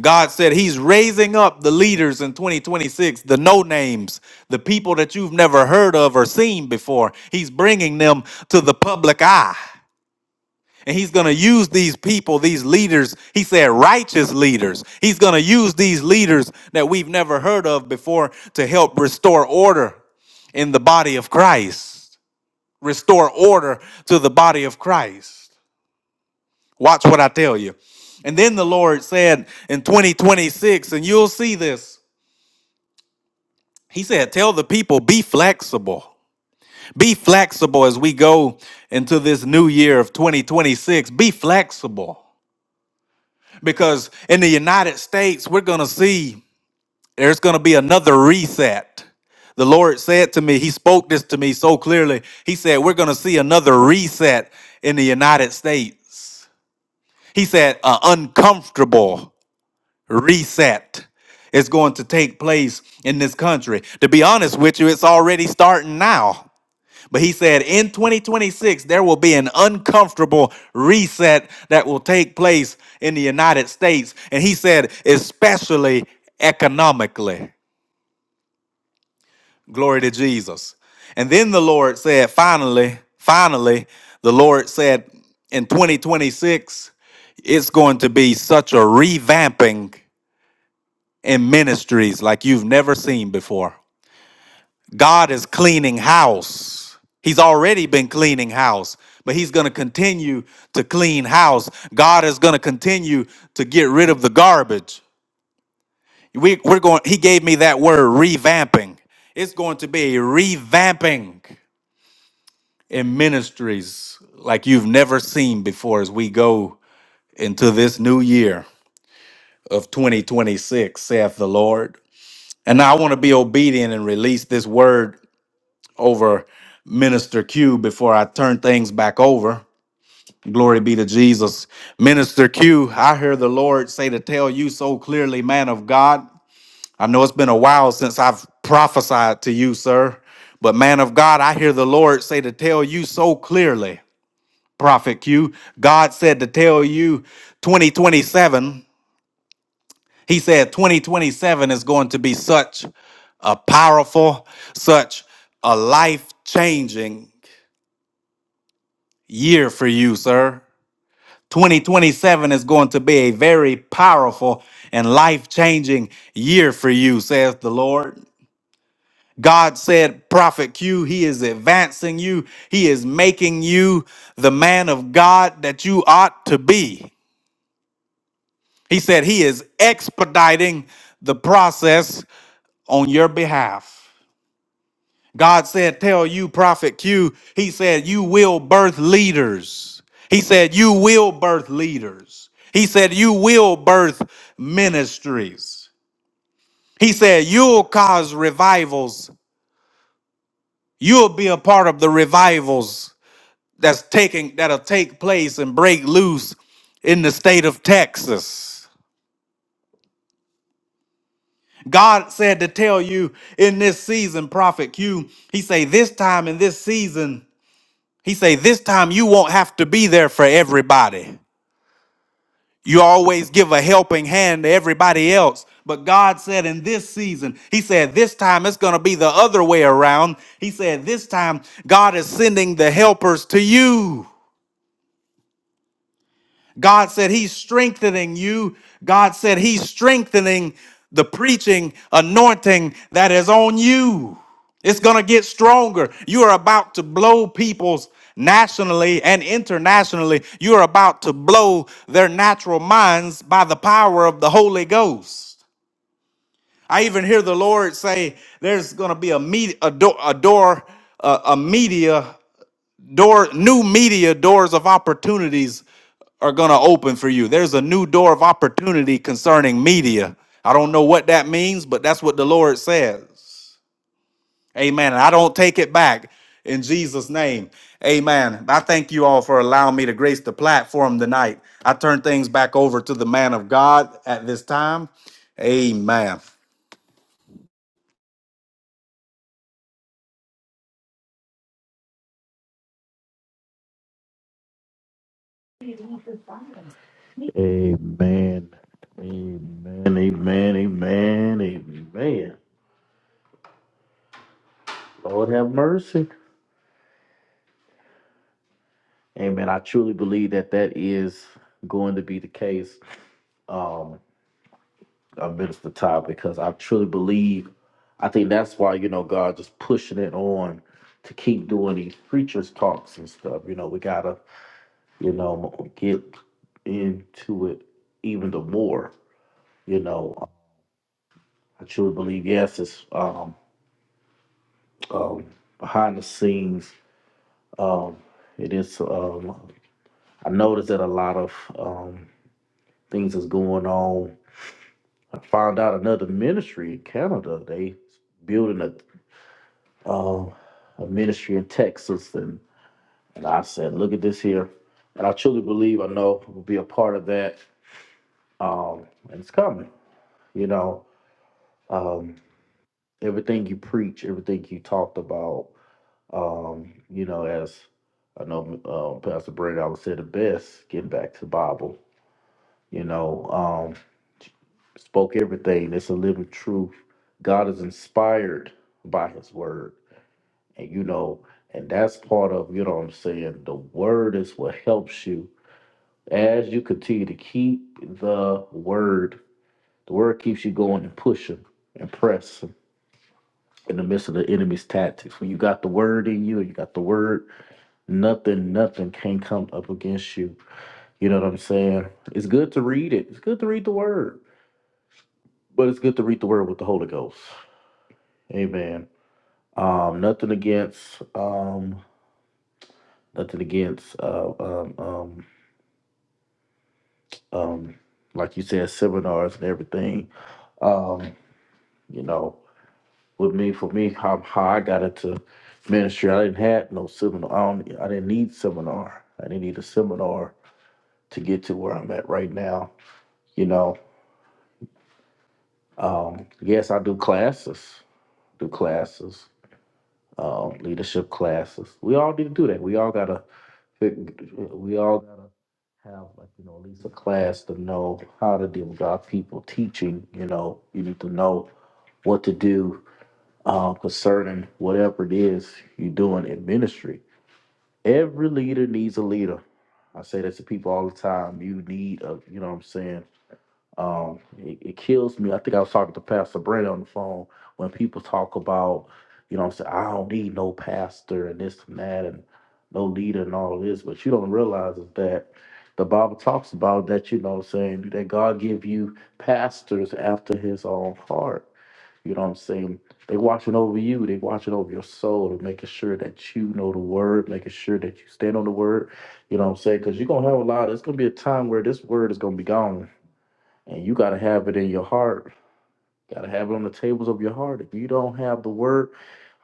C: God said He's raising up the leaders in 2026, the no names, the people that you've never heard of or seen before. He's bringing them to the public eye. And he's going to use these people, these leaders, he said righteous leaders. He's going to use these leaders that we've never heard of before to help restore order in the body of Christ. Restore order to the body of Christ. Watch what I tell you. And then the Lord said in 2026, and you'll see this. He said, Tell the people, be flexible. Be flexible as we go into this new year of 2026. Be flexible. Because in the United States, we're going to see there's going to be another reset. The Lord said to me, He spoke this to me so clearly. He said, We're going to see another reset in the United States. He said, uh, uncomfortable. reset is going to take place in this country. To be honest with you, it's already starting now. But he said in 2026, there will be an uncomfortable reset that will take place in the United States. And he said, especially economically. Glory to Jesus. And then the Lord said, finally, finally, the Lord said in 2026, it's going to be such a revamping in ministries like you've never seen before. God is cleaning house. He's already been cleaning house, but he's going to continue to clean house. God is going to continue to get rid of the garbage. We, we're going, he gave me that word, revamping. It's going to be a revamping in ministries like you've never seen before as we go into this new year of 2026, saith the Lord. And I want to be obedient and release this word over Minister Q before I turn things back over. Glory be to Jesus. Minister Q, I hear the Lord say to tell you so clearly, man of God. I know it's been a while since I've prophesied to you, sir, but man of God, I hear the Lord say to tell you so clearly, Prophet Q. God said to tell you 2027. He said 2027 is going to be such a powerful, such a life changing year for you, sir. 2027 is going to be a very powerful and life changing year for you, says the Lord. God said, Prophet Q, He is advancing you, He is making you the man of God that you ought to be. He said, He is expediting the process on your behalf. God said, Tell you, Prophet Q, He said, You will birth leaders. He said, You will birth leaders. He said, You will birth ministries. He said, You'll cause revivals. You'll be a part of the revivals that's taking that'll take place and break loose in the state of Texas. God said to tell you in this season, Prophet Q, He say, This time in this season. He say, this time you won't have to be there for everybody. You always give a helping hand to everybody else. But God said in this season, He said, this time it's going to be the other way around. He said, this time God is sending the helpers to you. God said he's strengthening you. God said he's strengthening the preaching anointing that is on you. It's going to get stronger. You are about to blow people's nationally and internationally. You are about to blow their natural minds by the power of the Holy Ghost. I even hear the Lord say there's going to be a, media, a, door, a door, a, a media door new media doors of opportunities are going to open for you there's a new door of opportunity concerning media i don't know what that means but that's what the lord says amen and i don't take it back in jesus name amen i thank you all for allowing me to grace the platform tonight i turn things back over to the man of god at this time amen
A: Amen. Amen. Amen. Amen. Amen. Lord have mercy. Amen. I truly believe that that is going to be the case. Um. uh, Minister Todd, because I truly believe, I think that's why, you know, God just pushing it on to keep doing these preachers talks and stuff. You know, we gotta, you know, get into it even the more. You know, I truly believe, yes, it's um, um, behind the scenes. Um, it is, um, I noticed that a lot of um, things is going on. I found out another ministry in Canada, they building a. um, a ministry in Texas, and and I said, look at this here, and I truly believe I know will be a part of that, um, and it's coming. You know, um, everything you preach, everything you talked about, um, you know, as I know uh, Pastor Brandon always said the best, getting back to the Bible. You know, um, spoke everything. It's a living truth. God is inspired by His word And you know, and that's part of, you know what I'm saying, the word is what helps you as you continue to keep the word. The word keeps you going and pushing and pressing in the midst of the enemy's tactics. When you got the word in you and you got the word, nothing, nothing can come up against you. You know what I'm saying? It's good to read it. It's good to read the word, but it's good to read the word with the Holy Ghost. Amen. Um, nothing against um, nothing against uh, um, um, um, like you said, seminars and everything. Um, you know, with me, for me, how, how I got into ministry, I didn't have no seminar. I, don't, I didn't need seminar. I didn't need a seminar to get to where I'm at right now. You know, um, yes, I do classes, do classes, um, leadership classes. We all need to do that. We all gotta fig- we all gotta have like, you know, at least a class to know how to deal with our people teaching, you know, you need to know what to do uh, concerning whatever it is you're doing in ministry. Every leader needs a leader. I say that to people all the time. You need a, you know what I'm saying? Um, it, it kills me. I think I was talking to Pastor Brent on the phone when people talk about, you know, I'm saying I don't need no pastor and this and that and no leader and all this, but you don't realize is that the Bible talks about that, you know, what I'm saying that God give you pastors after His own heart. You know what I'm saying? They watching over you. They watching over your soul and making sure that you know the word, making sure that you stand on the word. You know what I'm saying? Because you're gonna have a lot. It's gonna be a time where this word is gonna be gone and you gotta have it in your heart. Gotta have it on the tables of your heart. If you don't have the word,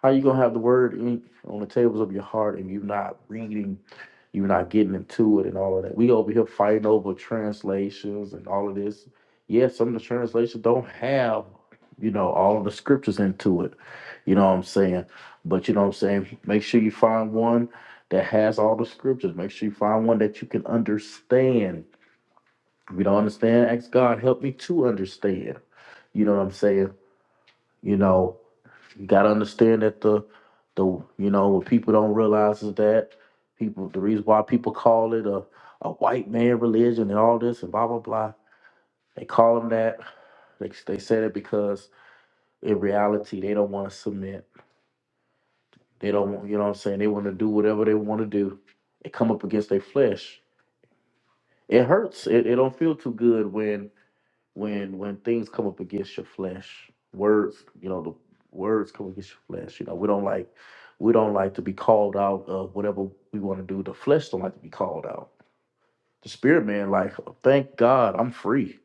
A: how you gonna have the word in, on the tables of your heart and you not reading, you not getting into it and all of that? We over here fighting over translations and all of this. Yeah, some of the translations don't have, you know, all of the scriptures into it. You know what I'm saying? But you know what I'm saying? Make sure you find one that has all the scriptures. Make sure you find one that you can understand if you don't understand, ask God, help me to understand. You know what I'm saying? You know, you gotta understand that the the you know what people don't realize is that people the reason why people call it a, a white man religion and all this and blah blah blah. They call them that. They they say that because in reality they don't want to submit. They don't want you know what I'm saying. They want to do whatever they want to do. They come up against their flesh. It hurts. It, it don't feel too good when. when when things come up against your flesh, words, you know, the words come against your flesh. You know, we don't like we don't like to be called out of whatever we want to do. The flesh don't like to be called out. The spirit man, like, thank God I'm free.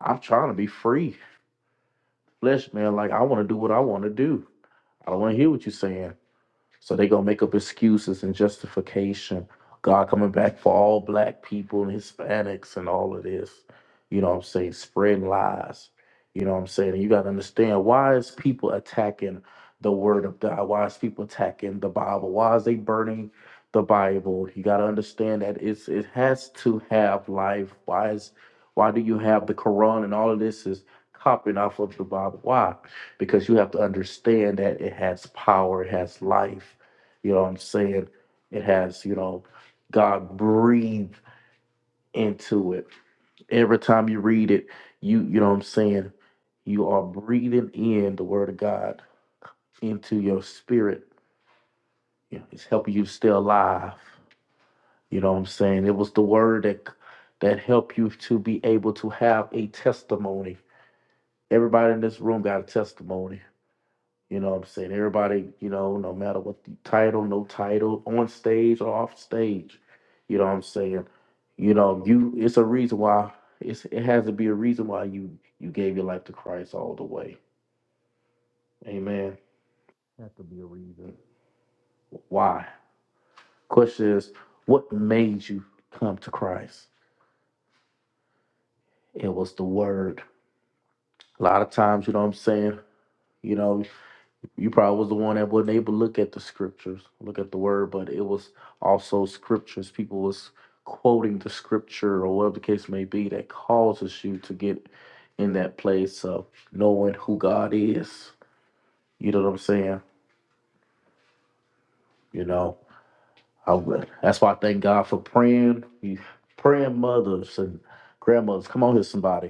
A: I'm trying to be free. Flesh man, like, I want to do what I want to do. I don't want to hear what you're saying. So they gonna make up excuses and justification. God coming back for all black people and Hispanics and all of this. You know what I'm saying? Spreading lies. You know what I'm saying? And you gotta understand why is people attacking the word of God? Why is people attacking the Bible? Why is they burning the Bible? You gotta understand that it's it has to have life. Why is why do you have the Quran and all of this is copying off of the Bible? Why? because you have to understand that it has power, it has life. You know what I'm saying? It has, you know, God breathed into it. Every time you read it, you you know what I'm saying, you are breathing in the word of God into your spirit. You know, It's helping you stay alive. You know what I'm saying? It was the word that that helped you to be able to have a testimony. Everybody in this room got a testimony You know what I'm saying? Everybody, you know, no matter what the title, no title, on stage or off stage, you know what I'm saying? You know, you it's a reason why it's it has to be a reason why you you gave your life to Christ all the way. Amen. Has to be a reason. Why? Question is, what made you come to Christ? It was the word. A lot of times, you know what I'm saying? You know, You probably was the one that wasn't able to look at the scriptures, look at the word, but it was also scriptures. People was quoting the scripture or whatever the case may be that causes you to get in that place of knowing who God is. You know what I'm saying? You know, I, would- that's why I thank God for praying, praying mothers and grandmothers. Come on here, somebody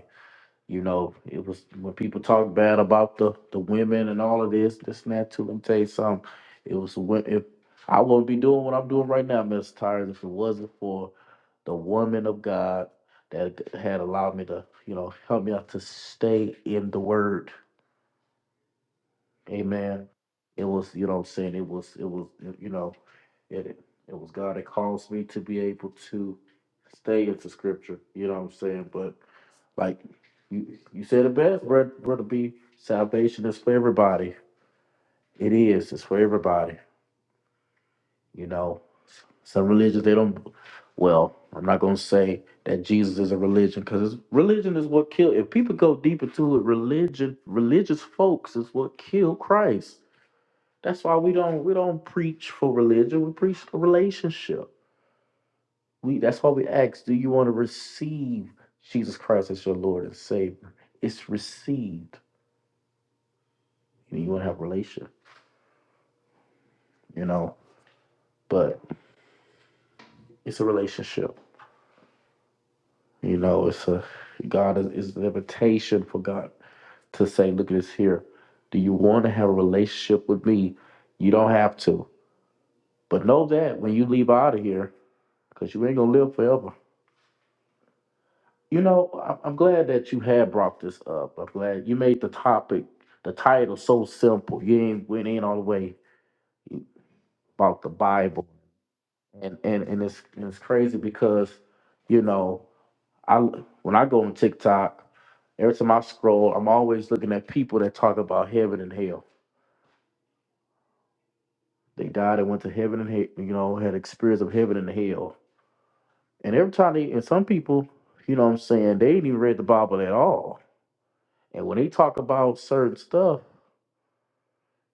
A: You know, it was when people talk bad about the the women and all of this, this and that too. Let me tell you something. It was wo- if I wouldn't be doing what I'm doing right now, Mr. Tires, if it wasn't for the woman of God that had allowed me to, you know, help me out to stay in the word. Amen. It was, you know what I'm saying? It was, it was, you know, it it was God that caused me to be able to stay into scripture. You know what I'm saying? But like you, you said it best, brother, brother B. Salvation is for everybody. It is. It's for everybody. You know, some religions they don't. Well, I'm not gonna say that Jesus is a religion because religion is what killed. If people go deep into it, religion, religious folks is what killed Christ. That's why we don't we don't preach for religion. We preach for relationship. We that's why we ask, do you want to receive Jesus Christ as your Lord and Savior? It's received. and you want to have a relationship, you know. But it's a relationship, you know. It's a God is, is an invitation for God to say, "Look at this here. Do you want to have a relationship with me? You don't have to, but know that when you leave out of here, because you ain't gonna live forever." You know, I- I'm glad that you had brought this up. I'm glad you made the topic, the title, so simple. You ain't went in all the way about the Bible, and and and it's and it's crazy because, you know. I when I go on TikTok, every time I scroll, I'm always looking at people that talk about heaven and hell. They died and went to heaven and hell, you know, had experience of heaven and hell. And every time they and some people, you know what I'm saying, they ain't even read the Bible at all. And when they talk about certain stuff,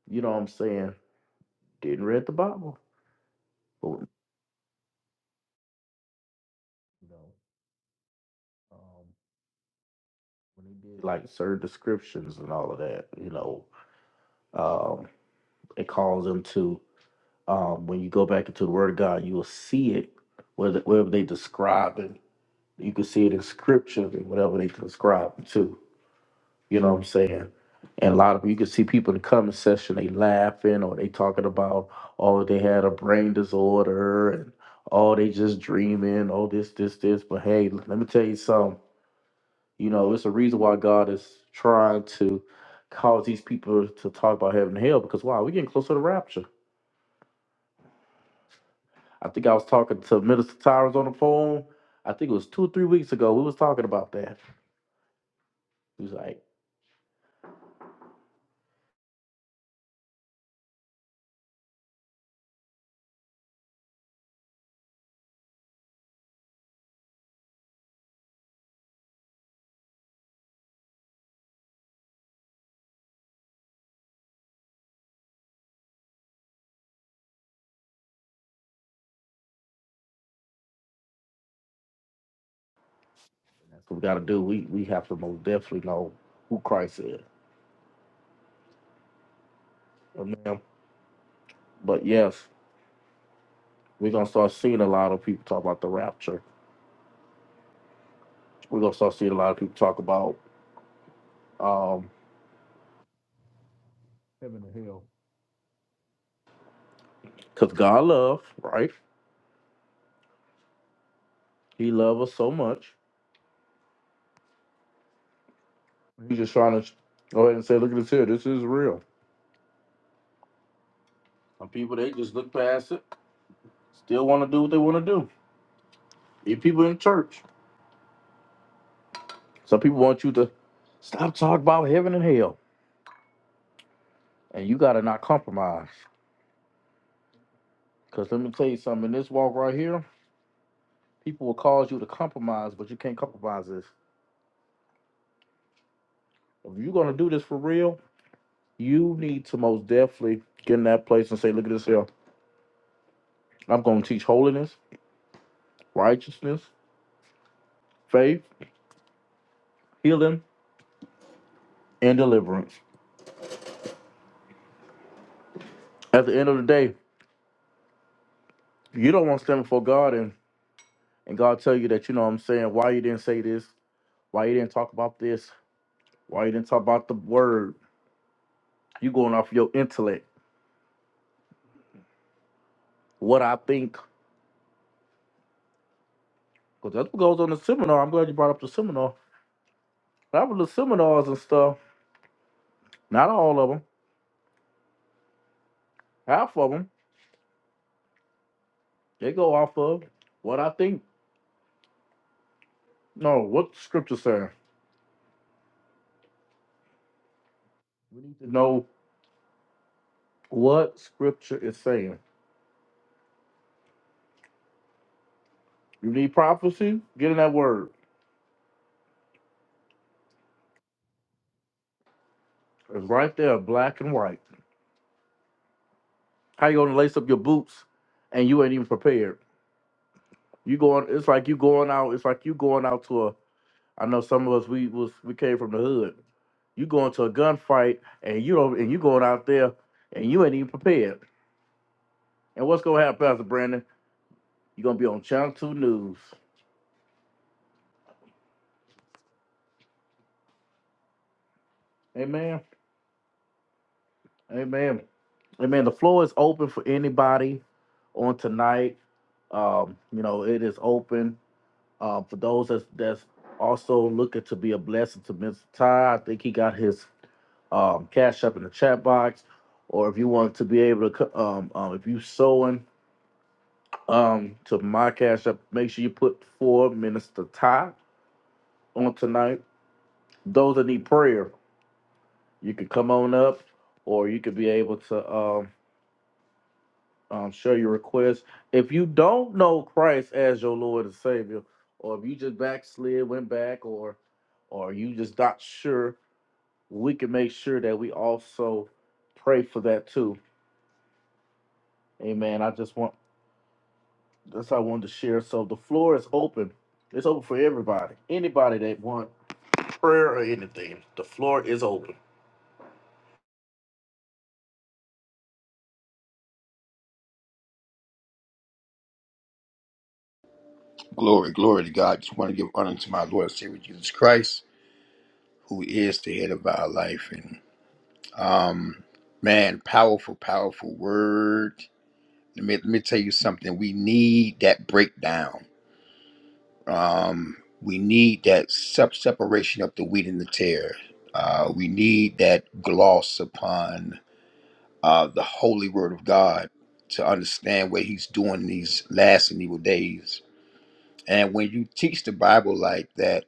A: you know what I'm saying, didn't read the Bible. But when- you know, um, when they did like certain descriptions and all of that, you know, um, it calls them to um, when you go back into the Word of God, you will see it whether whatever they describe it. You can see it in Scripture and whatever they describe it to. You know what I'm saying? And a lot of you can see people in the comment section they laughing or they talking about oh they had a brain disorder and oh they just dreaming oh this this this. But hey, let me tell you something. You know it's a reason why God is trying to cause these people to talk about heaven and hell because wow we're getting closer to the rapture I think I was talking to Minister Towers on the phone. I think it was two or three weeks ago. We was talking about that. He was like, "That's what we got to do. We we have to most definitely know who Christ is." Amen. But yes, we're gonna start seeing a lot of people talk about the rapture. We're gonna start seeing a lot of people talk about um Heaven and hell. because God love, right? He love us so much. He's just trying to go ahead and say, "Look at this here. This is real." Some people they just look past it. Still want to do what they want to do. Even people in church. Some people want you to stop talking about heaven and hell, and you got to not compromise. Because let me tell you something, in this walk right here, people will cause you to compromise, but you can't compromise this. If you're going to do this for real, you need to most definitely get in that place and say, look at this here. I'm going to teach holiness, righteousness, faith, healing, and deliverance. At the end of the day, you don't want to stand before God and, and God tell you that, you know what I'm saying, why you didn't say this, why you didn't talk about this, why you didn't talk about the word, You going off your intellect. What I think. Because that's what goes on the seminar. I'm glad you brought up the seminar. Half of the seminars and stuff, not all of them, half of them, they go off of what I think. No, what scripture saying. We need to know what scripture is saying. You need prophecy? Get in that word. It's right there, black and white. How you gonna lace up your boots and you ain't even prepared? You going it's like you going out, it's like you going out to a I know some of us we was we came from the hood. You go into a gunfight and you don't and you going out there and you ain't even prepared. And what's gonna happen, Pastor Brandon? You're gonna be on Channel Two News. Amen. Amen. Amen. The floor is open for anybody on tonight. Um, you know, it is open um, for those that's that's also looking to be a blessing to Mr. Ty. I think he got his um, cash up in the chat box, or if you want to be able to, co- um, um, if you sewing um to my cash app. Make sure you put for Minister Ty on tonight. Those that need prayer, you could come on up, or you could be able to um, um share your request. If you don't know Christ as your Lord and Savior, or if you just backslid, went back, or or you just not sure, we can make sure that we also pray for that too. Amen. I just want that's what I wanted to share. So the floor is open. It's open for everybody. Anybody that want prayer or anything. The floor is open.
D: Glory, glory to God. Just want to give honor to my Lord and Savior Jesus Christ, who is the head of our life. And um, man, powerful, powerful word. Let me let me tell you something. We need that breakdown. Um, we need that sep- separation of the wheat and the tear. Uh, we need that gloss upon uh, the holy word of God to understand what He's doing in these last and evil days. And when you teach the Bible like that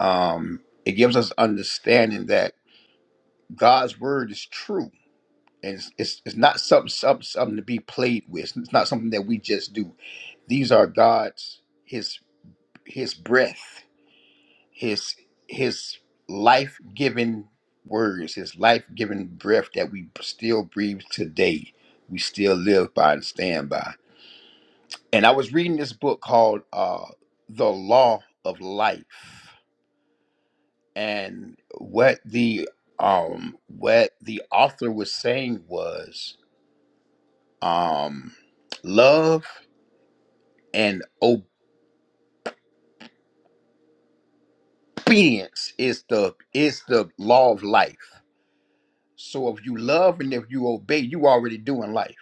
D: um, it gives us understanding that God's word is true. And it's, it's, it's not something, something something to be played with. It's not something that we just do. These are God's his his breath, his his life-giving words, his life-giving breath that we still breathe today. We still live by and stand by. And I was reading this book called uh The Law of Life and what the um what the author was saying was um love and obedience is the is the law of life so if you love and if you obey you already doing life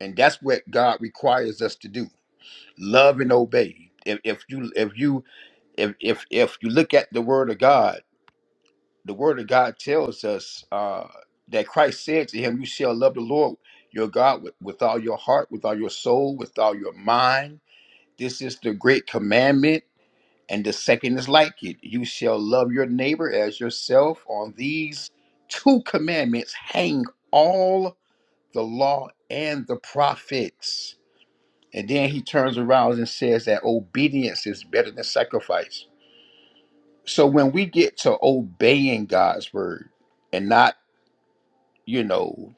D: and that's what god requires us to do love and obey if, if you if you if, if if you look at the word of god the word of God tells us uh, that Christ said to him, You shall love the Lord your God with, with all your heart, with all your soul, with all your mind. This is the great commandment, and the second is like it. You shall love your neighbor as yourself. On these two commandments hang all the law and the prophets. And then he turns around and says that obedience is better than sacrifice. So when we get to obeying God's word, and not you know,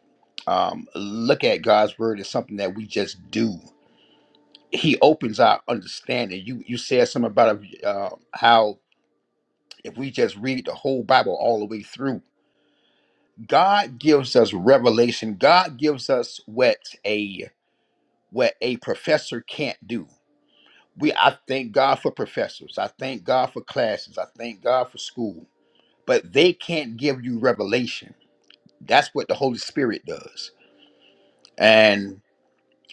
D: um, look at God's word as something that we just do. He opens our understanding. You you said something about uh, how if we just read the whole Bible all the way through, God gives us revelation. God gives us what a what a professor can't do. We I thank God for professors. I thank God for classes. I thank God for school. But they can't give you revelation. That's what the Holy Spirit does. and.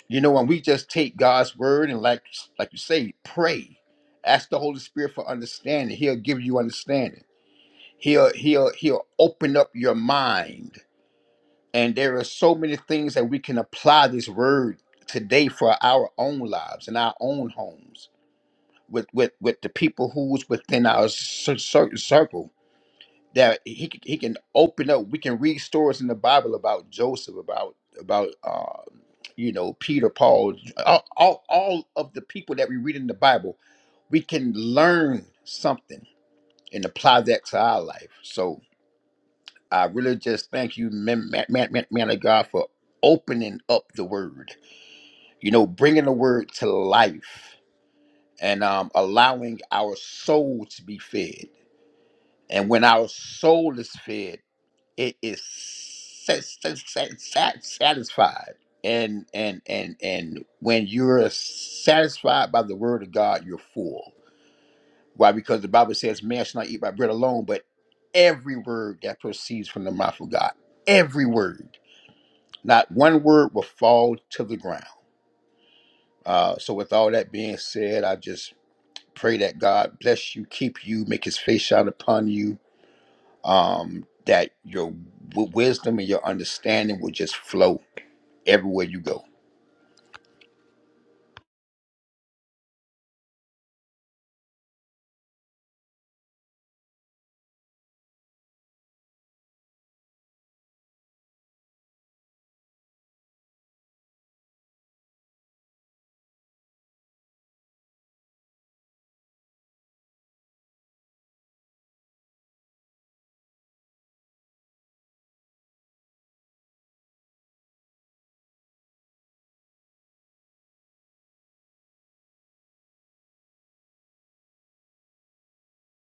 D: You know, when we just take God's word and like like you say, pray. Ask the Holy Spirit for understanding. He'll give you understanding. He'll he'll he'll open up your mind. And there are so many things that we can apply this word today for our own lives and our own homes with with with the people who's within our certain circle that he c- he can open up. We can read stories in the Bible about Joseph, about about uh, you know Peter, Paul, J- all, all all of the people that we read in the Bible. We can learn something and apply that to our life. So I really just thank you, man, man, man, man man of God, for opening up the Word. You know, bringing the Word to life and um, allowing our soul to be fed. And when our soul is fed it is sat- sat- sat- sat- satisfied and and and and when you're satisfied by the word of god you're full why because the bible says man shall not eat by bread alone but every word that proceeds from the mouth of god every word not one word will fall to the ground uh, so with all that being said i just pray that god bless you keep you make his face shine upon you um, that your w- wisdom and your understanding will just flow everywhere you go.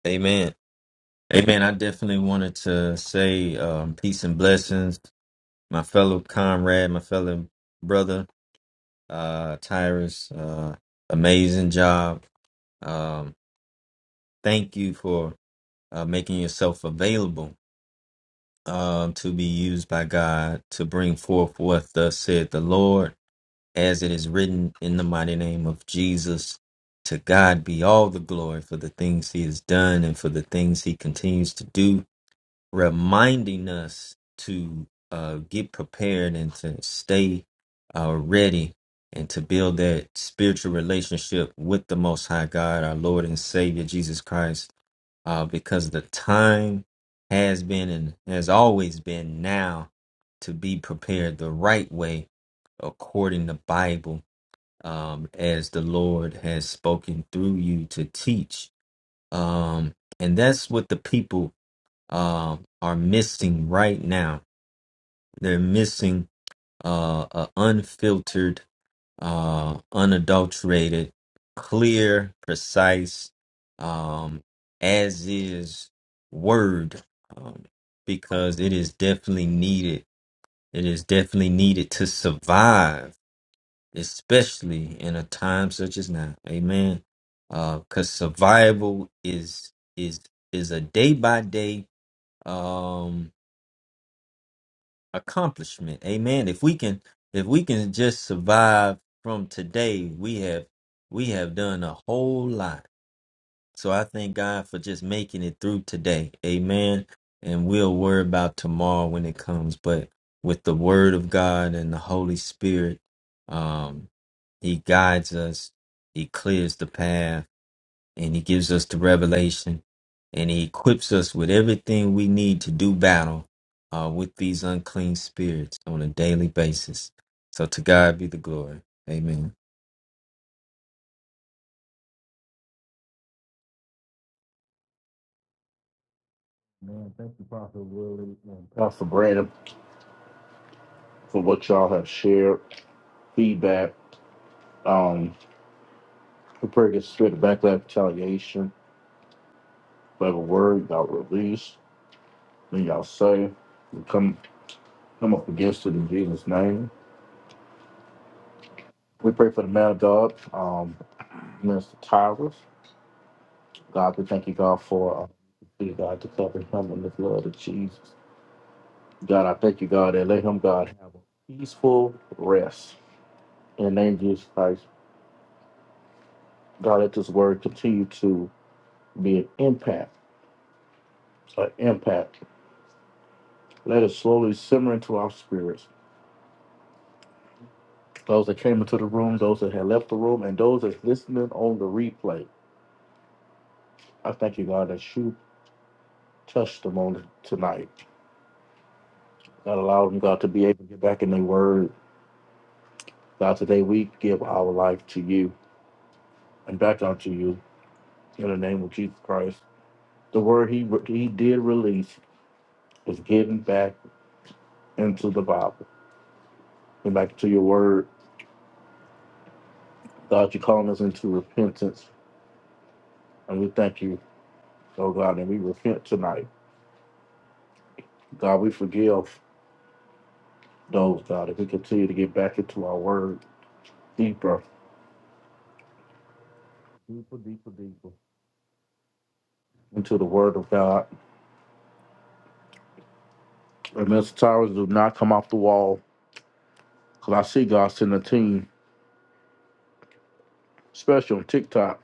E: Amen. Amen. I definitely wanted to say um, peace and blessings, my fellow comrade, my fellow brother, uh, Tyrus. Uh, amazing job. Um, thank you for uh, making yourself available um, to be used by God to bring forth what thus said the Lord, as it is written in the mighty name of Jesus. To God be all the glory for the things He has done and for the things He continues to do reminding us to uh, get prepared and to stay uh, ready and to build that spiritual relationship with the Most High God, our Lord and Savior Jesus Christ, uh, because the time has been and has always been now to be prepared the right way according to Bible, um, as the Lord has spoken through you to teach. Um, and that's what the people um, are missing right now. They're missing uh, a unfiltered, uh, unadulterated, clear, precise, um, as is word, um, because it is definitely needed. It is definitely needed to survive, especially in a time such as now. Amen. Because survival is is is a day by day accomplishment. Amen. If we can if we can just survive from today, we have we have done a whole lot. So I thank God for just making it through today. Amen. And we'll worry about tomorrow when it comes, but with the word of God and the Holy Spirit, um he guides us, he clears the path and he gives us the revelation and he equips us with everything we need to do battle uh, with these unclean spirits on a daily basis. So to God be the glory. Amen.
A: Man, thank you, Pastor Willie and Pastor Brandon, for what y'all have shared, feedback. Um, we pray against the spirit of backlash, retaliation, whatever word y'all release, then y'all say, we come come up against it in Jesus' name. We pray for the man of God, um, Minister Tyrus. God, we thank you, God, for uh, God to cover him in the blood of Jesus. God, I thank you, God, and let him, God, have a peaceful rest In the name of Jesus Christ, God, let this word continue to be an impact, an impact. Let it slowly simmer into our spirits. Those that came into the room, those that had left the room, and those that's listening on the replay. I thank you, God, that you touched them on tonight. God allowed them, God, to be able to get back in their word. God, today we give our life to you and back unto you in the name of Jesus Christ. The word he he did release is getting back into the Bible and back to your word God, you're calling us into repentance, and we thank you, oh God, and we repent tonight. God, we forgive those, God, if we continue to get back into our word deeper, deeper, deeper, deeper, into the word of God. And Mr. Towers, do not come off the wall, because I see God sending a team, especially on TikTok,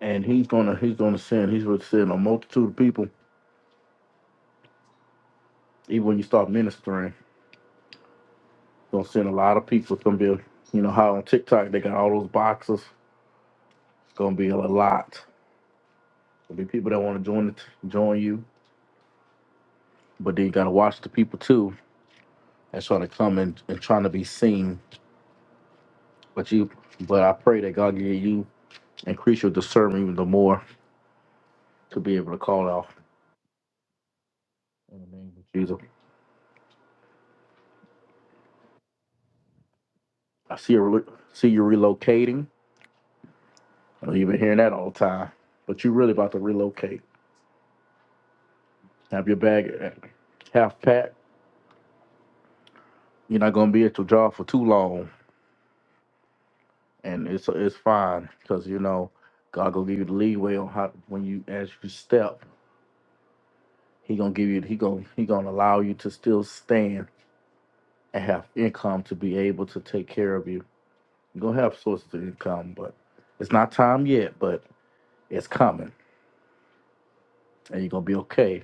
A: and he's gonna he's gonna send he's gonna send a multitude of people. Even when you start ministering, he's gonna send a lot of people. It's gonna be, you know, how on TikTok they got all those boxes. It's gonna be a lot. There'll be people that want to join it, join you, but then you gotta watch the people too that's trying to come and, and trying to be seen. But you, but I pray that God give you increase your discernment even the more to be able to call out. In the name of Jesus, I see you relo- see you relocating. I know you've been hearing that all the time, but you really about to relocate. Have your bag uh, half packed. You're not gonna be at your job for too long, and it's it's fine because you know God gonna give you the leeway on how when you as you step. He gonna give you. He gonna he gonna allow you to still stand and have income to be able to take care of you. You are gonna have sources of income, but it's not time yet. But it's coming, and you're gonna be okay.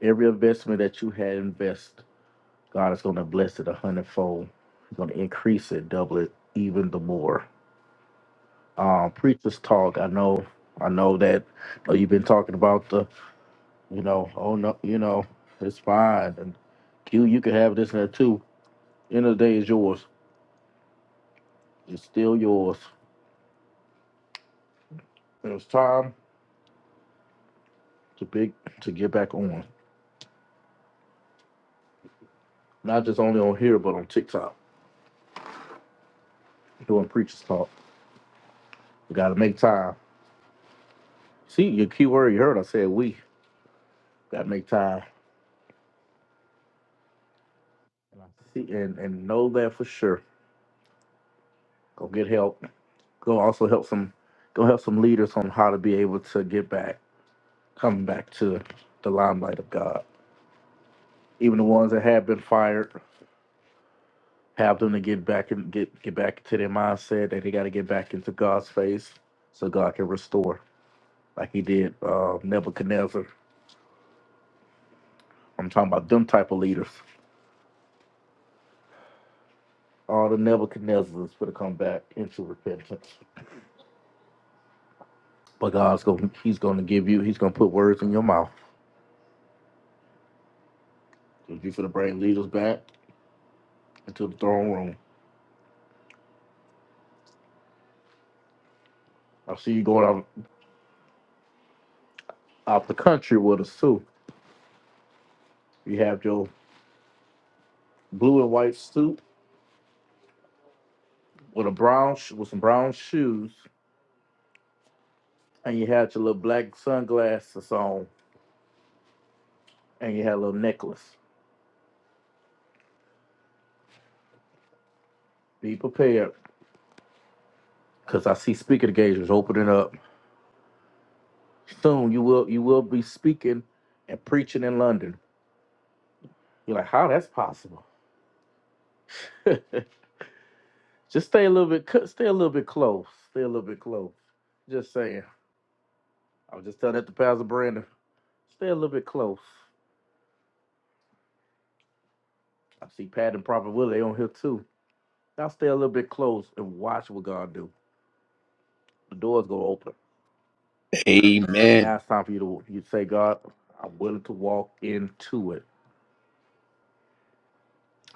A: Every investment that you had invest, God is gonna bless it a hundredfold. He's gonna increase it, double it, even the more. Um, preachers talk. I know. I know that. uh, You've been talking about the. You know. Oh no. You know. It's fine. And you you can have this and that too. End of the day is yours It's still yours. And it's time to big to get back on. Not just only on here, but on TikTok. Doing preachers talk. You gotta make time. See your key word you heard I said we gotta make time. And I see and, and know that for sure. Go get help. Go also help some go help some leaders on how to be able to get back, come back to the limelight of God. Even the ones that have been fired, have them to get back and get get back to their mindset that they gotta get back into God's face so God can restore. like he did uh, Nebuchadnezzar. I'm talking about them type of leaders. All the Nebuchadnezzars gonna come back into repentance. But God's going He's gonna give you He's gonna put words in your mouth. So you gonna bring leaders back into the throne room. I see you going out out the country with us too. You have your blue and white suit with a brown sh- with some brown shoes, and you had your little black sunglasses on, and you had a little necklace. Be prepared, cause I see speaker engagements opening up Soon you will you will be speaking and preaching in London. You're like, how that's possible? just stay a little bit, co- stay a little bit close. Stay a little bit close. Just saying. I was just telling that to Pastor Brandon. Stay a little bit close. I see Pat and Prophet Willie on here too. Now stay a little bit close and watch what God do. The doors to open. Now
D: Amen.
A: it's time for you to you say, God, I'm willing to walk into it.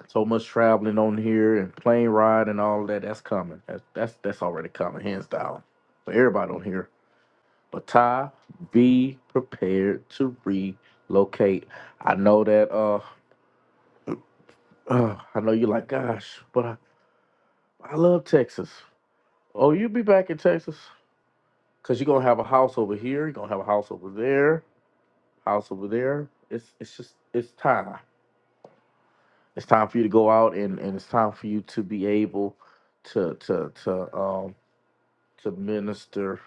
A: So much traveling on here and plane ride and all that. That's coming. That's that's that's already coming, hands down. For everybody on here. But Ty, be prepared to relocate. I know that uh, uh I know you're like, gosh, but I, I love Texas. Oh, you'll be back in Texas. Cause you're gonna have a house over here, you're gonna have a house over there, house over there. It's it's just it's time. It's time for you to go out and, and it's time for you to be able to to to um to minister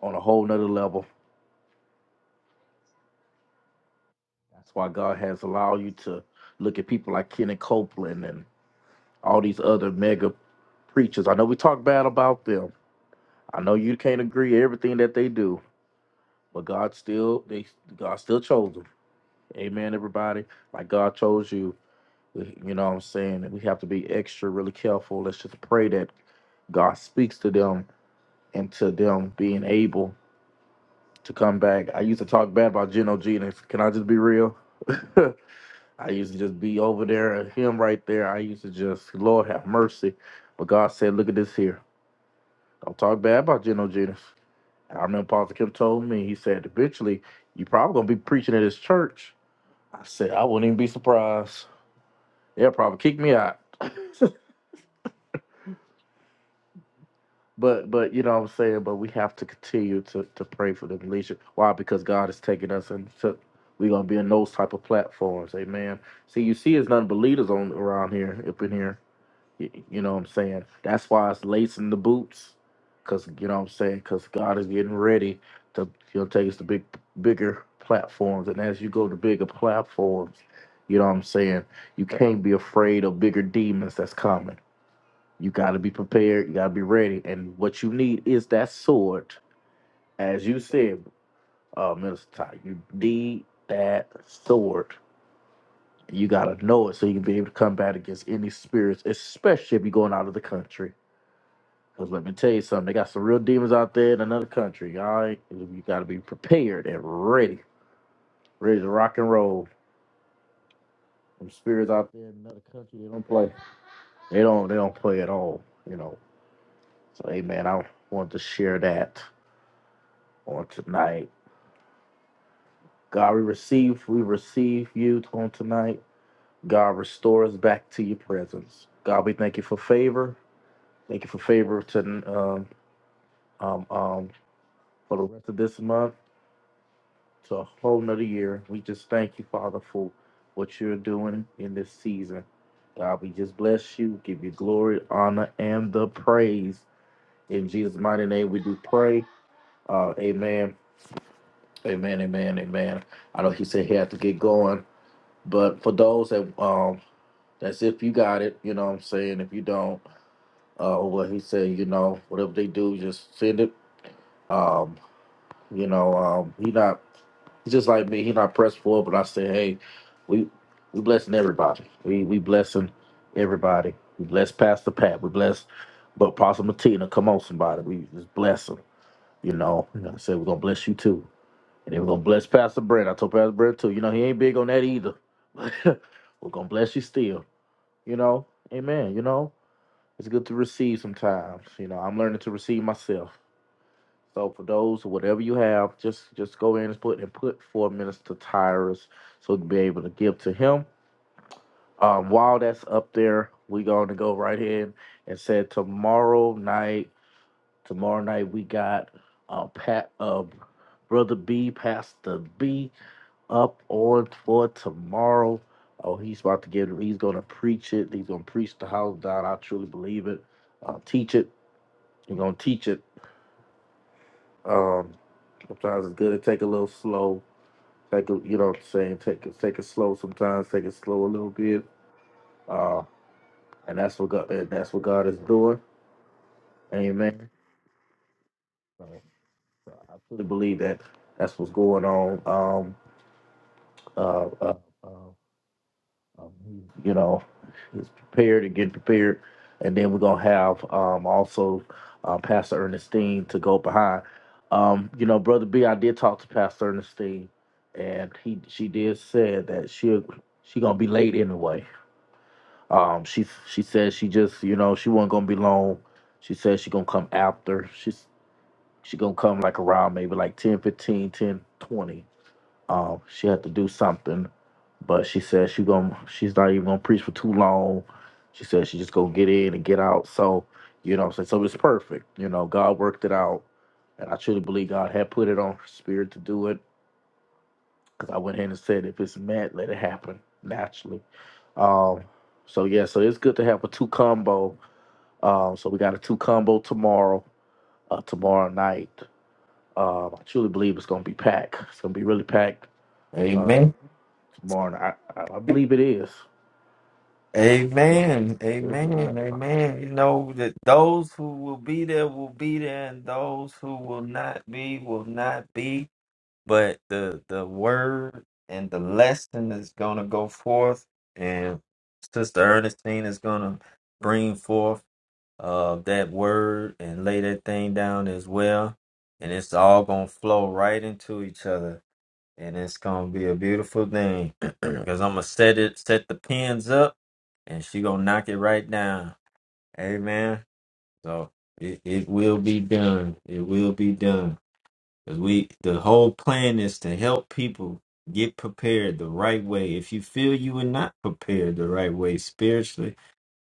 A: on a whole nother level. That's why God has allowed you to look at people like Kenny Copeland and all these other mega preachers. I know we talk bad about them. I know you can't agree with everything that they do, but God still they God still chose them. Amen, everybody. Like God chose you. You know what I'm saying? And we have to be extra really careful. Let's just pray that God speaks to them and to them being able to come back. I used to talk bad about Geno G, and if- can I just be real? I used to just be over there at him right there. I used to just, Lord have mercy. But God said, look at this here. Don't talk bad about Geno Jennings. And I remember Pastor Kim told me, he said, eventually, you probably going to be preaching at his church. I said, I wouldn't even be surprised. They'll probably kick me out. But, but you know what I'm saying? But we have to continue to, to pray for the leadership. Why? Because God is taking us and took. we're going to be in those type of platforms. Amen. See, you see, there's none but leaders on around here, up in here. Y- You know what I'm saying? That's why it's lacing the boots, cause you know what I'm saying. Cause God is getting ready to you know take us to big, bigger platforms, and as you go to bigger platforms, you know what I'm saying. You can't be afraid of bigger demons that's coming. You got to be prepared. You got to be ready. And what you need is that sword, as you said, uh, Minister Ty. You need that sword. You gotta know it so you can be able to combat against any spirits, especially if you're going out of the country Cause let me tell you something, they got some real demons out there in another country. All right, you got to be prepared and ready, ready to rock and roll. Some spirits out there in another country, they don't play. They don't, they don't play at all. You know. So, hey man, I want to share that on tonight. God, we receive, we receive you on tonight. God, restore us back to your presence. God, we thank you for favor. Thank you for favor to um um um for the rest of this month. to a whole nother year. We just thank you, Father, for what you're doing in this season. God, we just bless you, give you glory, honor, and the praise. In Jesus' mighty name, we do pray. Uh, amen. Amen. Amen. Amen. I know he said he had to get going, but for those that um, that's if you got it, you know what I'm saying. If you don't, uh, or what he said, you know, whatever they do, just send it. Um, You know, um, he not he's just like me. He not pressed for, but I say, hey, we we blessing everybody. We we blessing everybody. We bless Pastor Pat. We bless, but Pastor Martina. Come on, somebody. We just bless him. You know, and I said we're gonna bless you too, and then we're gonna bless Pastor Brent. I told Pastor Brent too. You know, he ain't big on that either. But we're gonna bless you still. You know, Amen. You know, it's good to receive sometimes. You know, I'm learning to receive myself. So for those, whatever you have, just just go in and put and put four minutes to Tyrus so to be able to give to him. Um, while that's up there, we going to go right in and say tomorrow night. Tomorrow night we got uh, Pat, uh, brother B, Pastor B, up on for tomorrow. Oh, he's about to get. He's going to preach it. He's going to preach the house down. I truly believe it. Uh, teach it. He's going to teach it. Um, sometimes it's good to take a little slow Like you know what I'm saying, take it take it slow sometimes, take it slow a little bit. Uh and that's what God and that's what God is doing. Amen. So, so I truly believe that that's what's going on. Um uh, uh, uh um, you know, is prepared and get prepared. And then we're gonna have um also uh, Pastor Ernestine to go behind. Um, you know, Brother B, I did talk to Pastor Ernestine and he she did said that she she gonna be late anyway. Um, she she said she just you know she wasn't gonna be long. She said she gonna come after. She's she gonna come like around maybe like 10 15 10 20. Um, she had to do something, but she said she gonna she's not even gonna preach for too long. She said she just gonna get in and get out. So you know, what I'm saying so it's perfect. You know, God worked it out, and I truly believe God had put it on her spirit to do it because I went ahead and said if it's meant, let it happen naturally. Um, so yeah, so it's good to have a two combo. Um, so we got a two combo tomorrow, uh, tomorrow night. Um, I truly believe it's gonna be packed. It's gonna be really packed uh,
E: Amen.
A: tomorrow. night. I, I, I believe it is.
E: Amen.
A: Yes, it is.
E: Amen. Amen. You know that those who will be there will be there, and those who will not be will not be. but the the word and the lesson is gonna go forth, and Sister Ernestine is gonna bring forth uh that word and lay that thing down as well, and it's all gonna flow right into each other, and it's gonna be a beautiful thing because I'm gonna set it set the pins up, and she gonna knock it right down. Amen. So it, it will be done. It will be done. Cause we the whole plan is to help people get prepared the right way. If you feel you were not prepared the right way spiritually,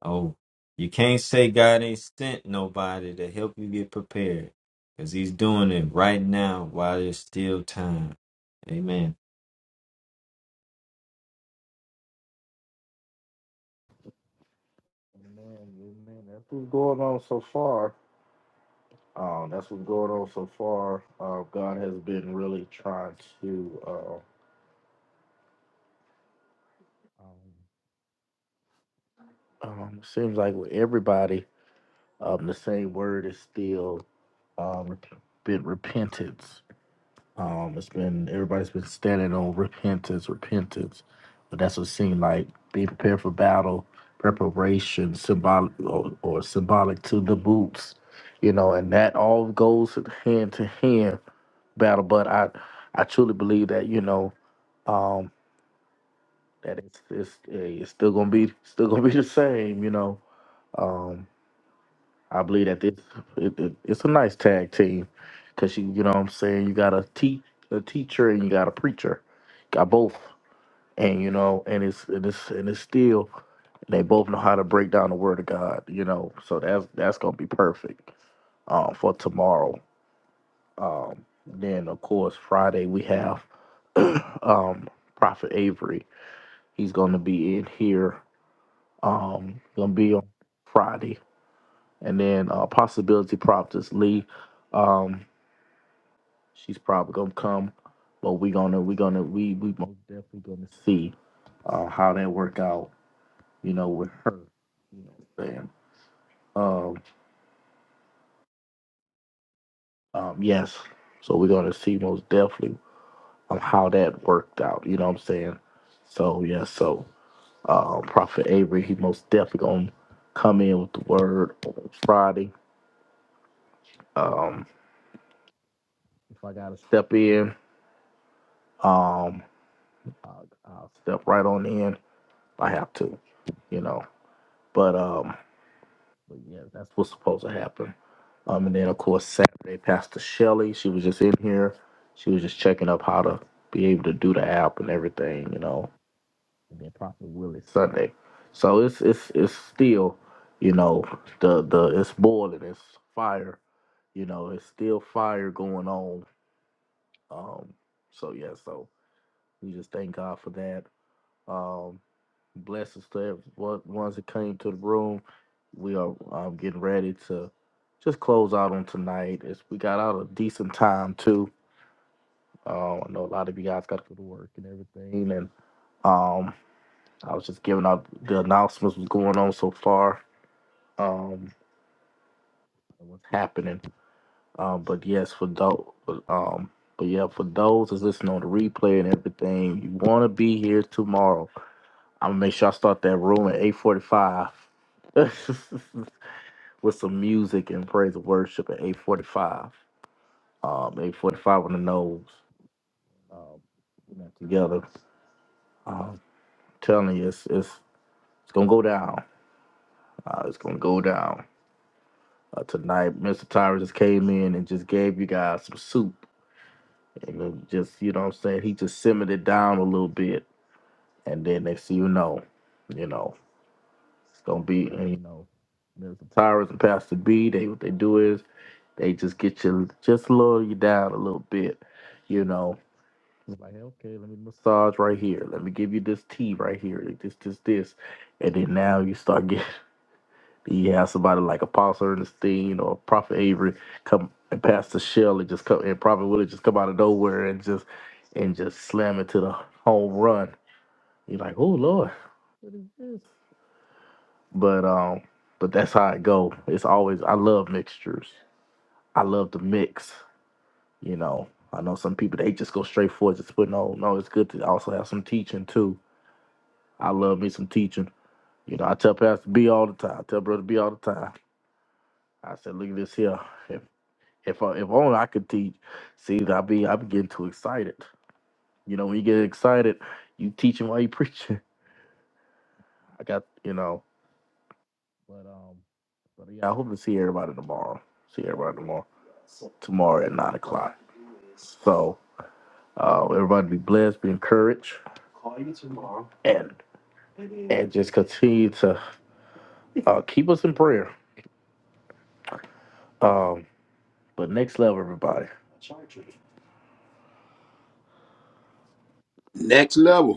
E: oh, you can't say God ain't sent nobody to help you get prepared. Cause he's doing it right now while there's still time. Amen.
A: Amen, amen. That's what's going on so far. Um, that's what's going on so far. Uh, God has been really trying to. Uh, um, um, seems like with everybody. Um, the same word is still um, rep- been repentance. Um, it's been everybody's been standing on repentance, repentance, but that's what it seemed like being prepared for battle, preparation, symbolic or, or symbolic to the boots, you know, and that all goes hand to hand battle. But I, I truly believe that you know, um, that it's it's eh, it's still gonna be still gonna be the same, you know. Um, I believe that this it, it- it's a nice tag team because you you know what I'm saying you got a te- a teacher and you got a preacher, got both, and you know and it's and it's and it's still they both know how to break down the word of God, you know, so that's that's gonna be perfect um, for tomorrow. Um, then of course Friday we have um, Prophet Avery. He's gonna be in here. Um, gonna be on Friday and then uh, possibility prop is Lee. Um, she's probably gonna come, but we gonna we gonna we we most definitely gonna see uh, how that work out. You know, with her. You know, what I'm saying um, um, yes. So we're gonna see most definitely um, how that worked out. You know what I'm saying? So yeah. So uh, Prophet Avery, he most definitely gonna come in with the word on Friday. Um, if I gotta step in. Um, I'll, I'll step right on in if I have to, you know. But um, but yeah, that's what's supposed to happen. Um, and then of course Saturday, Pastor Shelley, she was just in here. She was just checking up how to be able to do the app and everything, you know. And then Prophet Willie Sunday. So it's it's it's still, you know, the the it's boiling, it's fire, you know, it's still fire going on. Um, so yeah, so we just thank God for that Um, blessings to every one- ones that came to the room. We are um, getting ready to just close out on tonight. It's, we got out a decent time too. Uh, I know a lot of you guys got to go to work and everything, and um, I was just giving out the announcements what's going on so far, um, and what's happening. Um, but yes, for those, um, but yeah, for those that's listening on the replay and everything, you want to be here tomorrow. I'm gonna make sure I start that room at 8:45 with some music and praise and worship at 8:45. Um, 8:45 on the nose. Um, you know, together. Um, telling you, it's it's it's gonna go down. Uh, it's gonna go down uh, tonight. Mr. Tyrus just came in and just gave you guys some soup, and it just you know what I'm saying. He just simmered it down a little bit, and then next thing you know, you know. It's gonna be, and you know, Mr. Tyrus and Pastor B. They what they do is they just get you just lower you down a little bit, you know. It's like okay, let me massage right here. Let me give you this tea right here. like This, this, this, and then now you start getting you have somebody like Apostle Ernestine or Prophet Avery come and Pastor Shelley just come and Prophet Willie just come out of nowhere and just and just slam it to the home run. You're like, oh Lord, what is this? But um, but that's how it go. It's always I love mixtures. I love to mix. You know, I know some people they just go straight for it, just put no, no. It's good to also have some teaching too. I love me some teaching. You know, I tell Pastor B all the time. I tell Brother B all the time. I said, look at this here. If if I, if only I could teach. See, I be I be getting too excited. You know, when you get excited, you teaching while you preaching. I got you know. But um, but yeah, I hope to see everybody tomorrow. See everybody tomorrow. tomorrow at nine o'clock. So uh, everybody be blessed, be encouraged, and and just continue to uh, keep us in prayer. Um, but next level, everybody.
D: Next level.